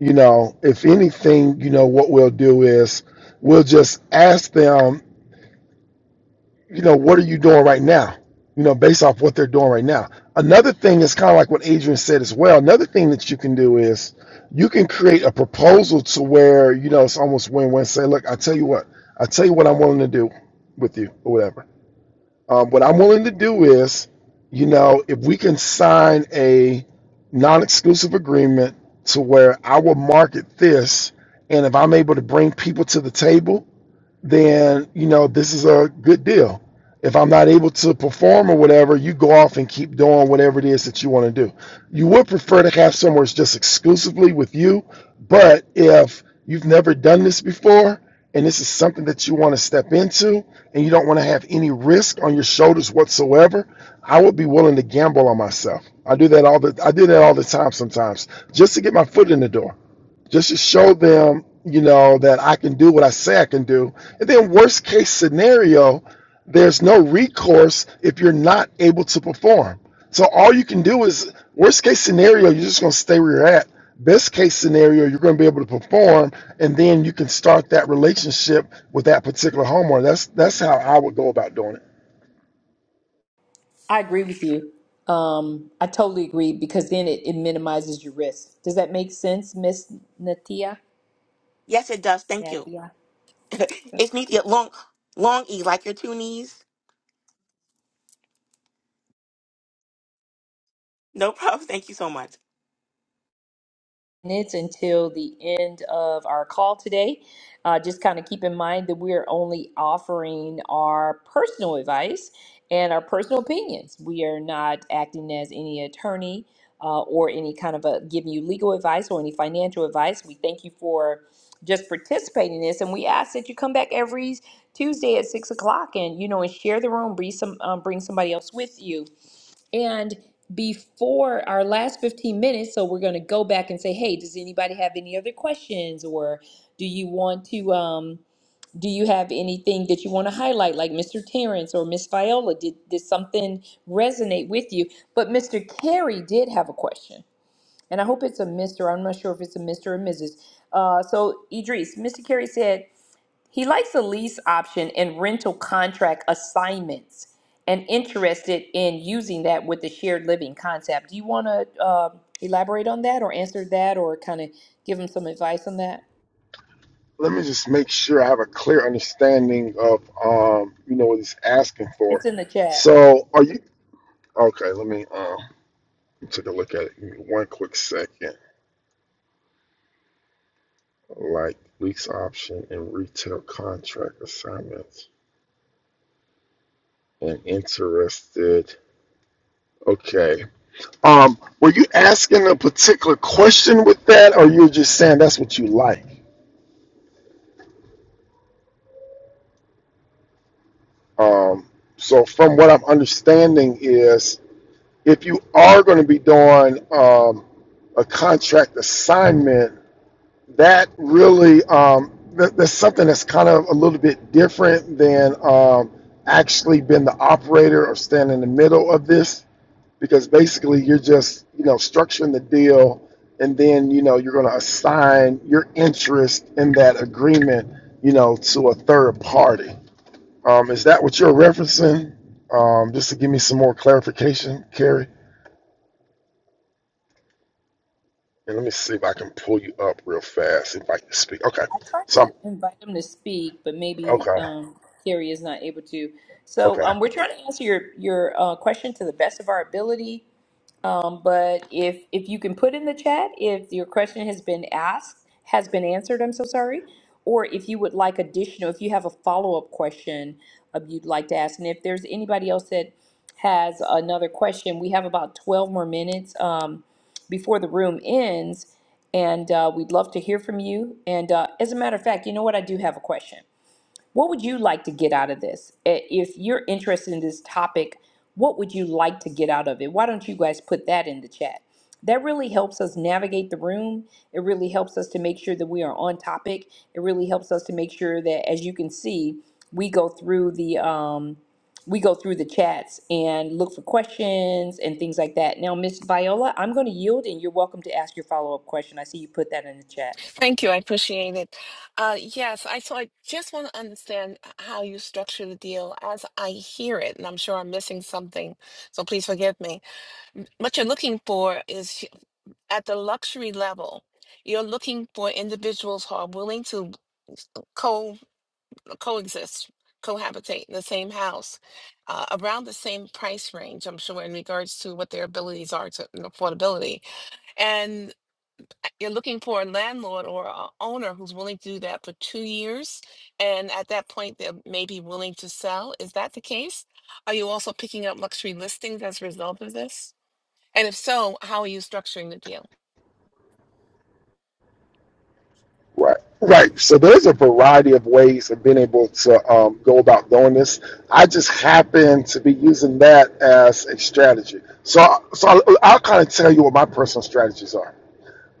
Speaker 1: you know, if anything, you know, what we'll do is we'll just ask them, you know, what are you doing right now? You know, based off what they're doing right now. Another thing is kind of like what Adrian said as well. Another thing that you can do is you can create a proposal to where, you know, it's almost win win. Say, look, I tell you what, I tell you what I'm willing to do with you or whatever um, what I'm willing to do is, you know, if we can sign a non-exclusive agreement to where I will market this, and if I'm able to bring people to the table then you know this is a good deal. If I'm not able to perform or whatever, you go off and keep doing whatever it is that you want to do. You would prefer to have somewhere it's just exclusively with you, but if you've never done this before and this is something that you want to step into and you don't want to have any risk on your shoulders whatsoever, I would be willing to gamble on myself. I do that all the I do that all the time sometimes, just to get my foot in the door just to show them, you know, that I can do what I say I can do. And then, worst case scenario, there's no recourse if you're not able to perform. So, all you can do is, worst case scenario, you're just going to stay where you're at. Best case scenario, you're going to be able to perform, and then you can start that relationship with that particular homeowner. That's that's how I would go about doing it.
Speaker 2: I agree with you. Um, I totally agree because then it, it minimizes your risk. Does that make sense, Miss Natia?
Speaker 6: Yes, it does. Thank you.
Speaker 2: Natia.
Speaker 6: [LAUGHS] it's neat. yeah, Long, long E, like your two knees. No [LAUGHS] problem. Thank you so much.
Speaker 2: minutes until the end of our call today. Uh, just kind of keep in mind that we are only offering our personal advice and our personal opinions. We are not acting as any attorney uh, or any kind of a giving you legal advice or any financial advice. We thank you for just participating in this, and we ask that you come back every Tuesday at six o'clock and you know and share the room. Bring some um, bring somebody else with you and before our last 15 minutes, so we're going to go back and say, hey, does anybody have any other questions? Or do you want to, um, do you have anything that you want to highlight, like Mr. Terrence or Miss Viola? Did, did something resonate with you? But Mr. Carey did have a question. And I hope it's a Mr. I'm not sure if it's a Mr. or Mrs. Uh, so, Idris, Mr. Carey said, he likes a lease option and rental contract assignments and interested in using that with the shared living concept. Do you want to uh, elaborate on that or answer that or kind of give him some advice on that?
Speaker 1: Let me just make sure I have a clear understanding of, um, you know, what he's asking for.
Speaker 2: It's in the chat.
Speaker 1: So, are you okay? Let me. Um, We took a look at it in one quick second, like lease option and retail contract assignments. And interested. Okay. Um, were you asking a particular question with that, or you were just saying that's what you like? Um, so from what I'm understanding is, if you are going to be doing um, a contract assignment that really um, th- that's something that's kind of a little bit different than um, actually being the operator or standing in the middle of this because basically you're just you know structuring the deal and then you know you're going to assign your interest in that agreement you know to a third party um, is that what you're referencing um, just to give me some more clarification Carrie and let me see if I can pull you up real fast if I can speak okay
Speaker 2: I tried
Speaker 1: so
Speaker 2: to
Speaker 1: I'm,
Speaker 2: invite him to speak, but maybe
Speaker 1: okay
Speaker 2: um, Carrie is not able to. So
Speaker 1: okay
Speaker 2: um, we're trying to answer your, your uh, question to the best of our ability. Um, but if if you can put in the chat if your question has been asked, has been answered, I'm so sorry, or if you would like additional, if you have a follow-up question uh, you'd like to ask, and if there's anybody else that has another question, we have about 12 more minutes um, before the room ends, and uh, we'd love to hear from you. And uh, as a matter of fact, you know what? I do have a question. What would you like to get out of this? Eh, If you're interested in this topic, what would you like to get out of it? Why don't you guys put that in the chat? That really helps us navigate the room. It really helps us to make sure that we are on topic. It really helps us to make sure that, as you can see, we go through the um, we go through the chats and look for questions and things like that. Now, Miss Viola, I'm going to yield, and you're welcome to ask your follow up question. I see you put that in the chat.
Speaker 5: Thank you. I appreciate it. Uh, yes, I so I just want to understand how you structure the deal as I hear it, and I'm sure I'm missing something. So please forgive me. what you're looking for is at the luxury level. You're looking for individuals who are willing to co coexist, cohabitate in the same house, uh, around the same price range. I'm sure in regards to what their abilities are to and affordability, and uh, you're looking for a landlord or a owner who's willing to do that for two years, and at that point they may be willing to sell. Is that the case? Are you also picking up luxury listings as a result of this? And if so, how are you structuring the deal?
Speaker 1: Right, right. So there's a variety of ways of being able to um, go about doing this. I just happen to be using that as a strategy. So, so I'll, I'll kind of tell you what my personal strategies are.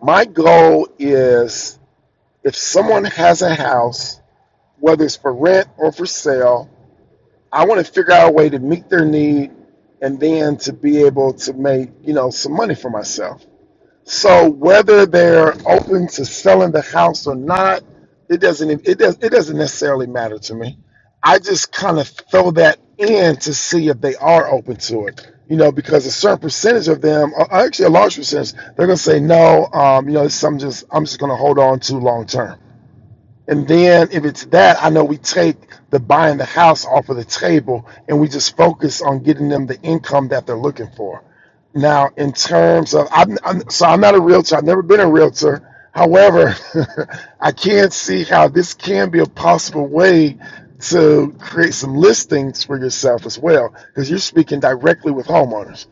Speaker 1: My goal is if someone has a house, whether it's for rent or for sale, I want to figure out a way to meet their need and then to be able to make you know some money for myself. So whether they're open to selling the house or not, it doesn't it does it doesn't necessarily matter to me. I just kind of throw that in to see if they are open to it. You know, because a certain percentage of them, or actually a large percentage, they're gonna say no. Um, you know, it's something just I'm just gonna hold on to long term. And then if it's that, I know we take the buying the house off of the table and we just focus on getting them the income that they're looking for. Now, in terms of, I'm, I'm so I'm not a realtor. I've never been a realtor. However, [LAUGHS] I can see how this can be a possible way to create some listings for yourself as well, because you're speaking directly with homeowners.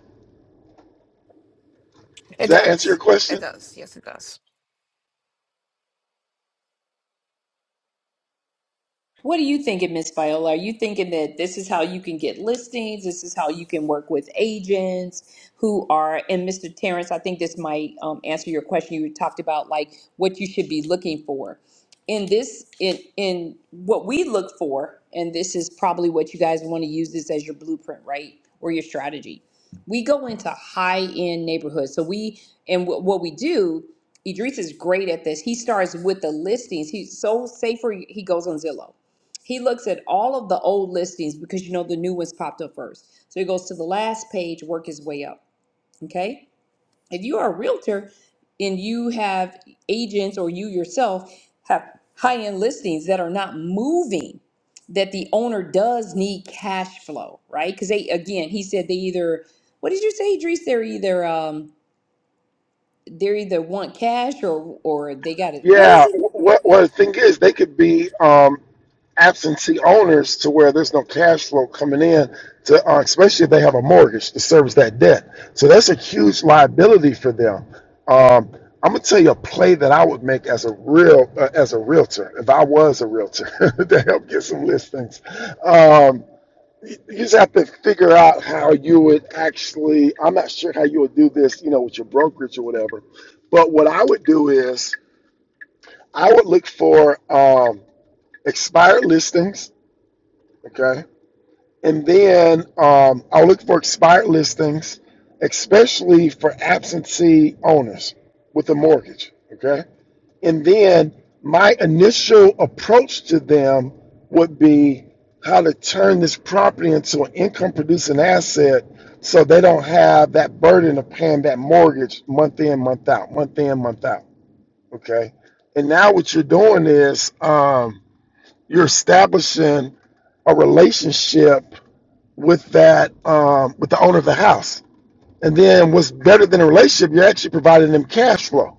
Speaker 1: Does
Speaker 5: It
Speaker 1: that answer your
Speaker 5: does. It
Speaker 1: question?
Speaker 5: does. Yes, it does.
Speaker 2: What are you thinking, Miss Viola? Are you thinking that this is how you can get listings? This is how you can work with agents who are, and Mr. Terrence, I think this might um, answer your question. You talked about like what you should be looking for. In this, in, in what we look for, and this is probably what you guys want to use this as your blueprint, right? Or your strategy. We go into high end neighborhoods. So we, and what what we do, Idris is great at this. He starts with the listings. He's so, say for, he goes on Zillow he looks at all of the old listings because you know the new ones popped up first. So he goes to the last page, work his way up. Okay. If you are a realtor and you have agents or you yourself have high end listings that are not moving, that the owner does need cash flow, right? Because they, again, he said they either, what did you say, Idris? They're either, um, they're either want cash or, or they got it. What is
Speaker 1: Yeah,
Speaker 2: it?
Speaker 1: what, what the thing is, they could be um, absentee owners to where there's no cash flow coming in to, uh, especially if they have a mortgage to service that debt. So that's a huge liability for them. Um, I'm gonna tell you a play that I would make as a real uh, as a realtor if I was a realtor [LAUGHS] to help get some listings. Um, you you just have to figure out how you would actually. I'm not sure how you would do this, you know, with your brokerage or whatever. But what I would do is I would look for um, expired listings, okay? And then um, I'll look for expired listings, especially for absentee owners with a mortgage, okay? And then my initial approach to them would be how to turn this property into an income producing asset so they don't have that burden of paying that mortgage month in, month out, month in, month out, okay? And now what you're doing is, um, you're establishing a relationship with that um, with the owner of the house. And then what's better than a relationship? You're actually providing them cash flow.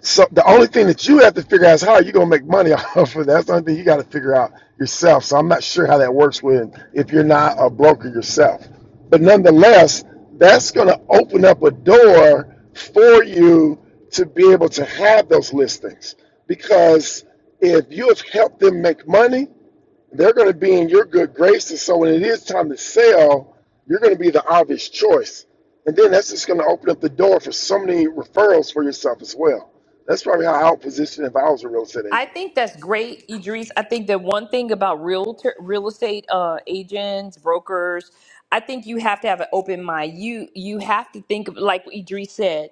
Speaker 1: So the only thing that you have to figure out is how are you gonna make money [LAUGHS] off of that. That's the only thing you got to figure out yourself. So I'm not sure how that works when if you're not a broker yourself. But nonetheless, that's gonna open up a door for you to be able to have those listings because if you have helped them make money they're going to be in your good graces. So when it is time to sell, you're going to be the obvious choice. And then that's just going to open up the door for so many referrals for yourself as well. That's probably how I would position if I was a real estate
Speaker 2: I
Speaker 1: agent.
Speaker 2: think that's great, Idris. I think that one thing about realtor, real estate uh, agents, brokers, I think you have to have an open mind. You you have to think of like Idris said.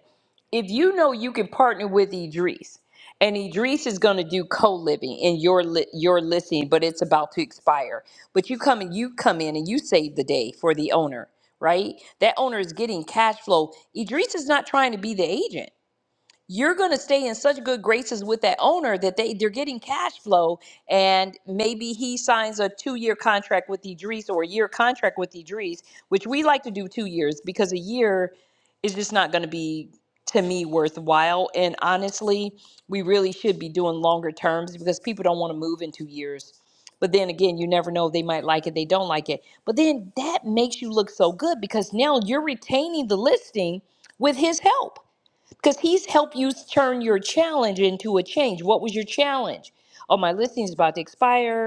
Speaker 2: If you know you can partner with Idris, and Idris is going to do co-living in your li- your listing, but it's about to expire. But you come and you come in and you save the day for the owner, right? That owner is getting cash flow. Idris is not trying to be the agent you're going to stay in such good graces with that owner that they, they're getting cash flow and maybe he signs a two-year contract with idris or a year contract with idris which we like to do two years because a year is just not going to be to me worthwhile and honestly we really should be doing longer terms because people don't want to move in two years but then again you never know they might like it they don't like it but then that makes you look so good because now you're retaining the listing with his help because he's helped you turn your challenge into a change. What was your challenge? Oh, my listing is about to expire.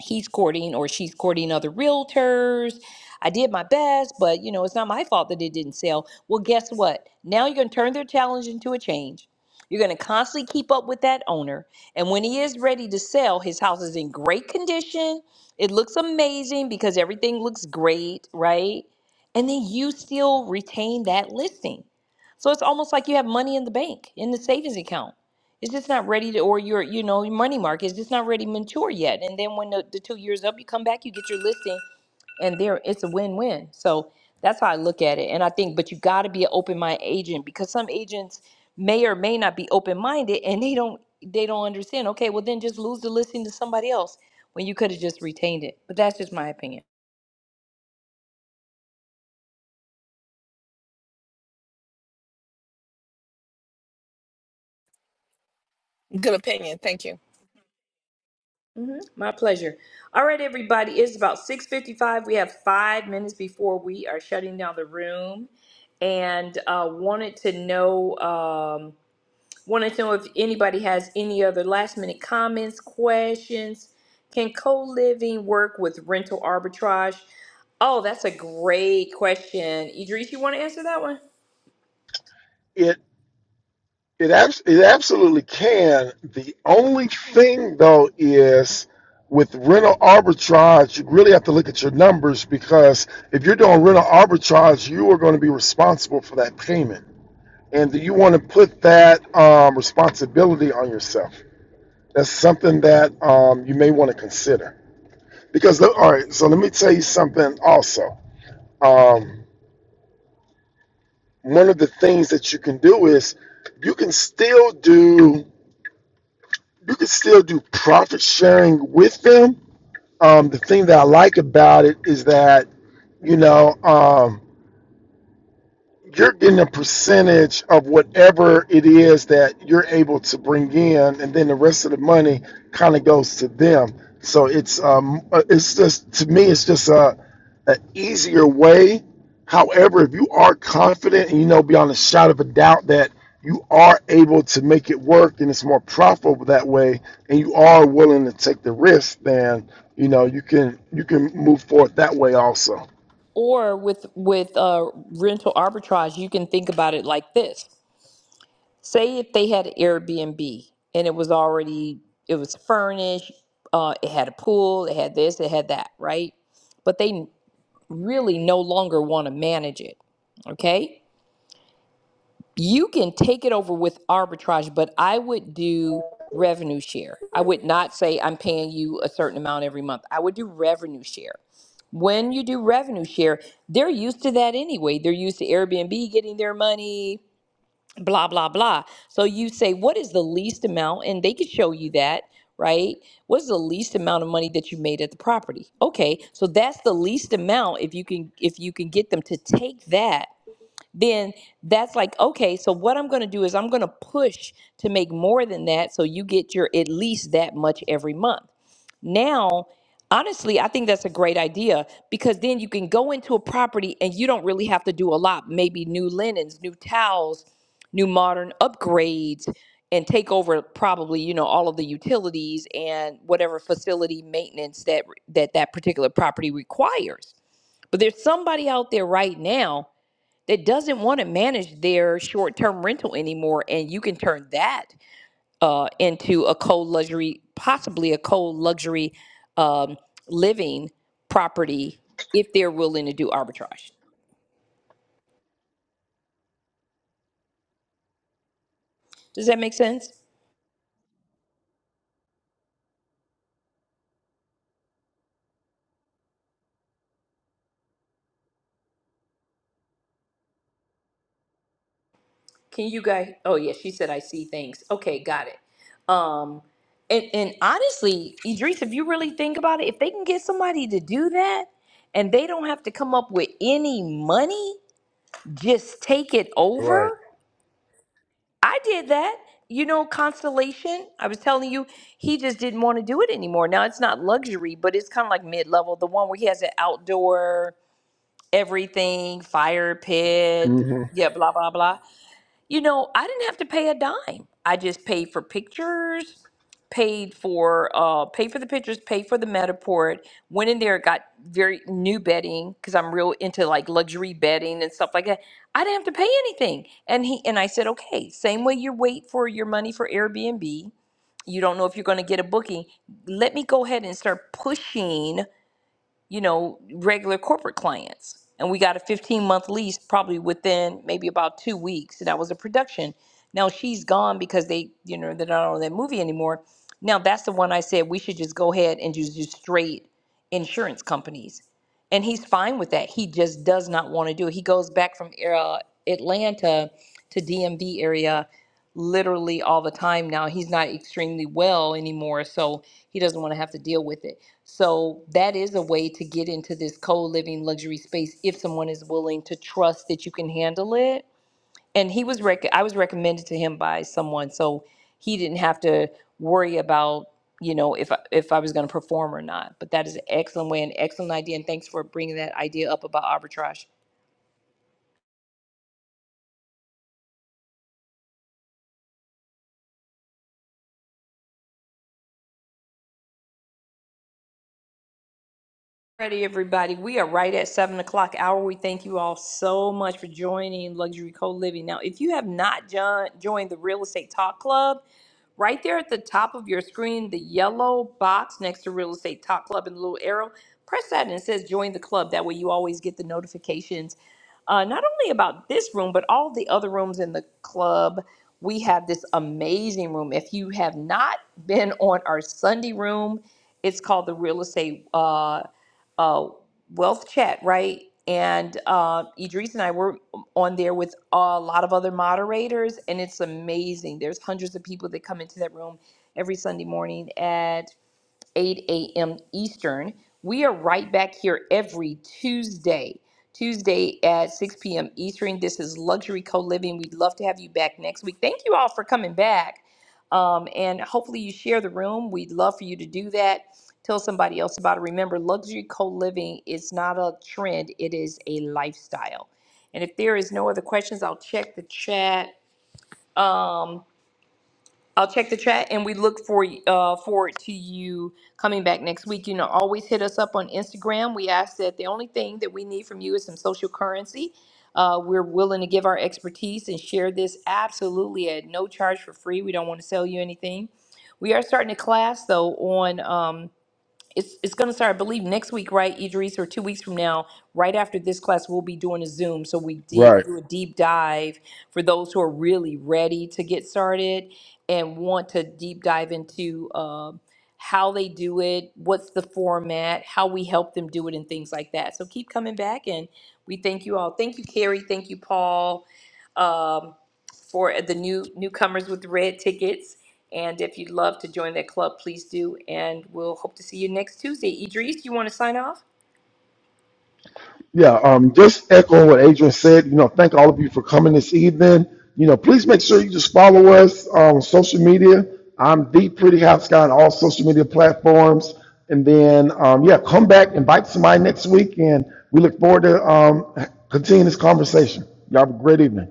Speaker 2: He's courting or she's courting other realtors. I did my best, but you know, it's not my fault that it didn't sell. Well, guess what? Now you're going to turn their challenge into a change. You're going to constantly keep up with that owner. And when he is ready to sell, his house is in great condition. It looks amazing because everything looks great, right? And then you still retain that listing so it's almost like you have money in the bank, in the savings account. It's just not ready to, or your, you know, your money market is just not ready to mature yet. And then when the, the two years up, you come back, you get your listing, and there it's a win-win. So that's how I look at it. And I think, but you got to be an open-minded agent because some agents may or may not be open-minded, and they don't they don't understand. Okay, well then just lose the listing to somebody else when you could have just retained it. But that's just my opinion.
Speaker 5: Good opinion. Thank you.
Speaker 2: hmm My pleasure. All right, everybody. It's about 6.55. We have five minutes before we are shutting down the room. And uh, wanted to know um, wanted to know if anybody has any other last minute comments, questions. Can co-living work with rental arbitrage? Oh, that's a great question. Idris, you want to answer that one?
Speaker 1: It it abs- it absolutely can. The only thing though is with rental arbitrage, you really have to look at your numbers because if you're doing rental arbitrage, you are going to be responsible for that payment, and you want to put that um, responsibility on yourself. That's something that um, you may want to consider. Because, all right, so let me tell you something also. Um, one of the things that you can do is you can still do you can still do profit sharing with them. Um, the thing that I like about it is that you know um, you're getting a percentage of whatever it is that you're able to bring in, and then the rest of the money kind of goes to them. So it's um, uh, it's just to me, it's just a, a easier way. However, if you are confident and you know beyond a shadow of a doubt that you are able to make it work and it's more profitable that way, and you are willing to take the risk, then you know you can you can move forward that way also.
Speaker 2: Or with with uh, rental arbitrage, you can think about it like this. Say if they had an Airbnb and it was already it was furnished, uh, it had a pool, it had this, it had that, right? But they really no longer want to manage it. Okay, you can take it over with arbitrage, but I would do revenue share. I would not say I'm paying you a certain amount every month. I would do revenue share. When you do revenue share, they're used to that anyway. They're used to Airbnb getting their money, blah blah blah so you say what is the least amount and they could show you that right what's the least amount of money that you made at the property okay so that's the least amount if you can if you can get them to take that then that's like okay so what i'm going to do is i'm going to push to make more than that so you get your at least that much every month now, honestly, I think that's a great idea because then you can go into a property and you don't really have to do a lot. Maybe new linens, new towels, new modern upgrades, and take over probably you know all of the utilities and whatever facility maintenance that that that particular property requires. But there's somebody out there right now that doesn't want to manage their short-term rental anymore, and you can turn that uh, into a cold luxury, possibly a cold luxury um, living property if they're willing to do arbitrage. Does that make sense? Can you guys? Oh yeah, she said I see things. Okay, got it. Um, and, and honestly, Idris, if you really think about it, if they can get somebody to do that and they don't have to come up with any money, just take it
Speaker 1: Right.
Speaker 2: over. I did that. You know, Constellation, I was telling you, he just didn't want to do it anymore. Now, it's not luxury, but it's kind of like mid level, the one where he has an outdoor everything, fire pit,
Speaker 1: hmm
Speaker 2: yeah, blah, blah, blah you know, I didn't have to pay a dime. I just paid for pictures, paid for uh paid for the pictures, paid for the Metaport, went in there, got very new bedding because I'm real into like luxury bedding and stuff like that. I didn't have to pay anything. And he and I said, "Okay, same way you wait for your money for Airbnb, you don't know if you're going to get a booking. Let me go ahead and start pushing you know, regular corporate clients. And we got a 15 month lease probably within maybe about two weeks. And that was a production. Now she's gone because they, you know, they're not on that movie anymore. Now that's the one I said we should just go ahead and just do straight insurance companies. And he's fine with that. He just does not want to do it. He goes back from uh, Atlanta to DMV area literally all the time now. He's not extremely well anymore, so he doesn't want to have to deal with it. So that is a way to get into this co-living luxury space if someone is willing to trust that you can handle it. And he was rec- I was recommended to him by someone, so he didn't have to worry about you know if I, if I was going to perform or not. But that is an excellent way, an excellent idea, and thanks for bringing that idea up about arbitrage. Ready, everybody. We are right at seven o'clock hour. We thank you all so much for joining Luxury Co Living. Now, if you have not jo- joined the Real Estate Talk Club, right there at the top of your screen, the yellow box next to Real Estate Talk Club and the little arrow, press that and it says join the club. That way, you always get the notifications, uh, not only about this room, but all the other rooms in the club. We have this amazing room. If you have not been on our Sunday room, it's called the Real Estate. Uh, uh, wealth chat, right? And uh, Idris and I were on there with a lot of other moderators, and it's amazing. There's hundreds of people that come into that room every Sunday morning at. 8 a.m. Eastern. We are right back here every Tuesday. Tuesday at 6 p.m. Eastern. This is Luxury Co Living. We'd love to have you back next week. Thank you all for coming back. Um, and hopefully, you share the room. We'd love for you to do that. Tell somebody else about it. Remember, luxury co living is not a trend, it is a lifestyle. And if there is no other questions, I'll check the chat. Um, I'll check the chat and we look for uh, forward to you coming back next week. You know, always hit us up on Instagram. We ask that the only thing that we need from you is some social currency. Uh, we're willing to give our expertise and share this absolutely at no charge for free. We don't want to sell you anything. We are starting a class though on. um, it's it's going to start, I believe, next week, right, Idris, or two weeks from now, right after this class, we'll be doing a Zoom. So we did
Speaker 1: Right.
Speaker 2: do a deep dive for those who are really ready to get started and want to deep dive into um how they do it, what's the format, how we help them do it, and things like that. So keep coming back, and we thank you all. Thank you, Carrie. Thank you, Paul, um, for the new newcomers with red tickets. And if you'd love to join that club, please do. And we'll hope to see you next Tuesday. Idris, you want to sign off?
Speaker 1: Yeah, um, just echoing what Adrian said, you know, thank all of you for coming this evening. You know, please make sure you just follow us on social media. I'm the Pretty House Guy on all social media platforms. And then, um, yeah, come back, invite somebody next week, and we look forward to um, continuing this conversation. Y'all have a great evening.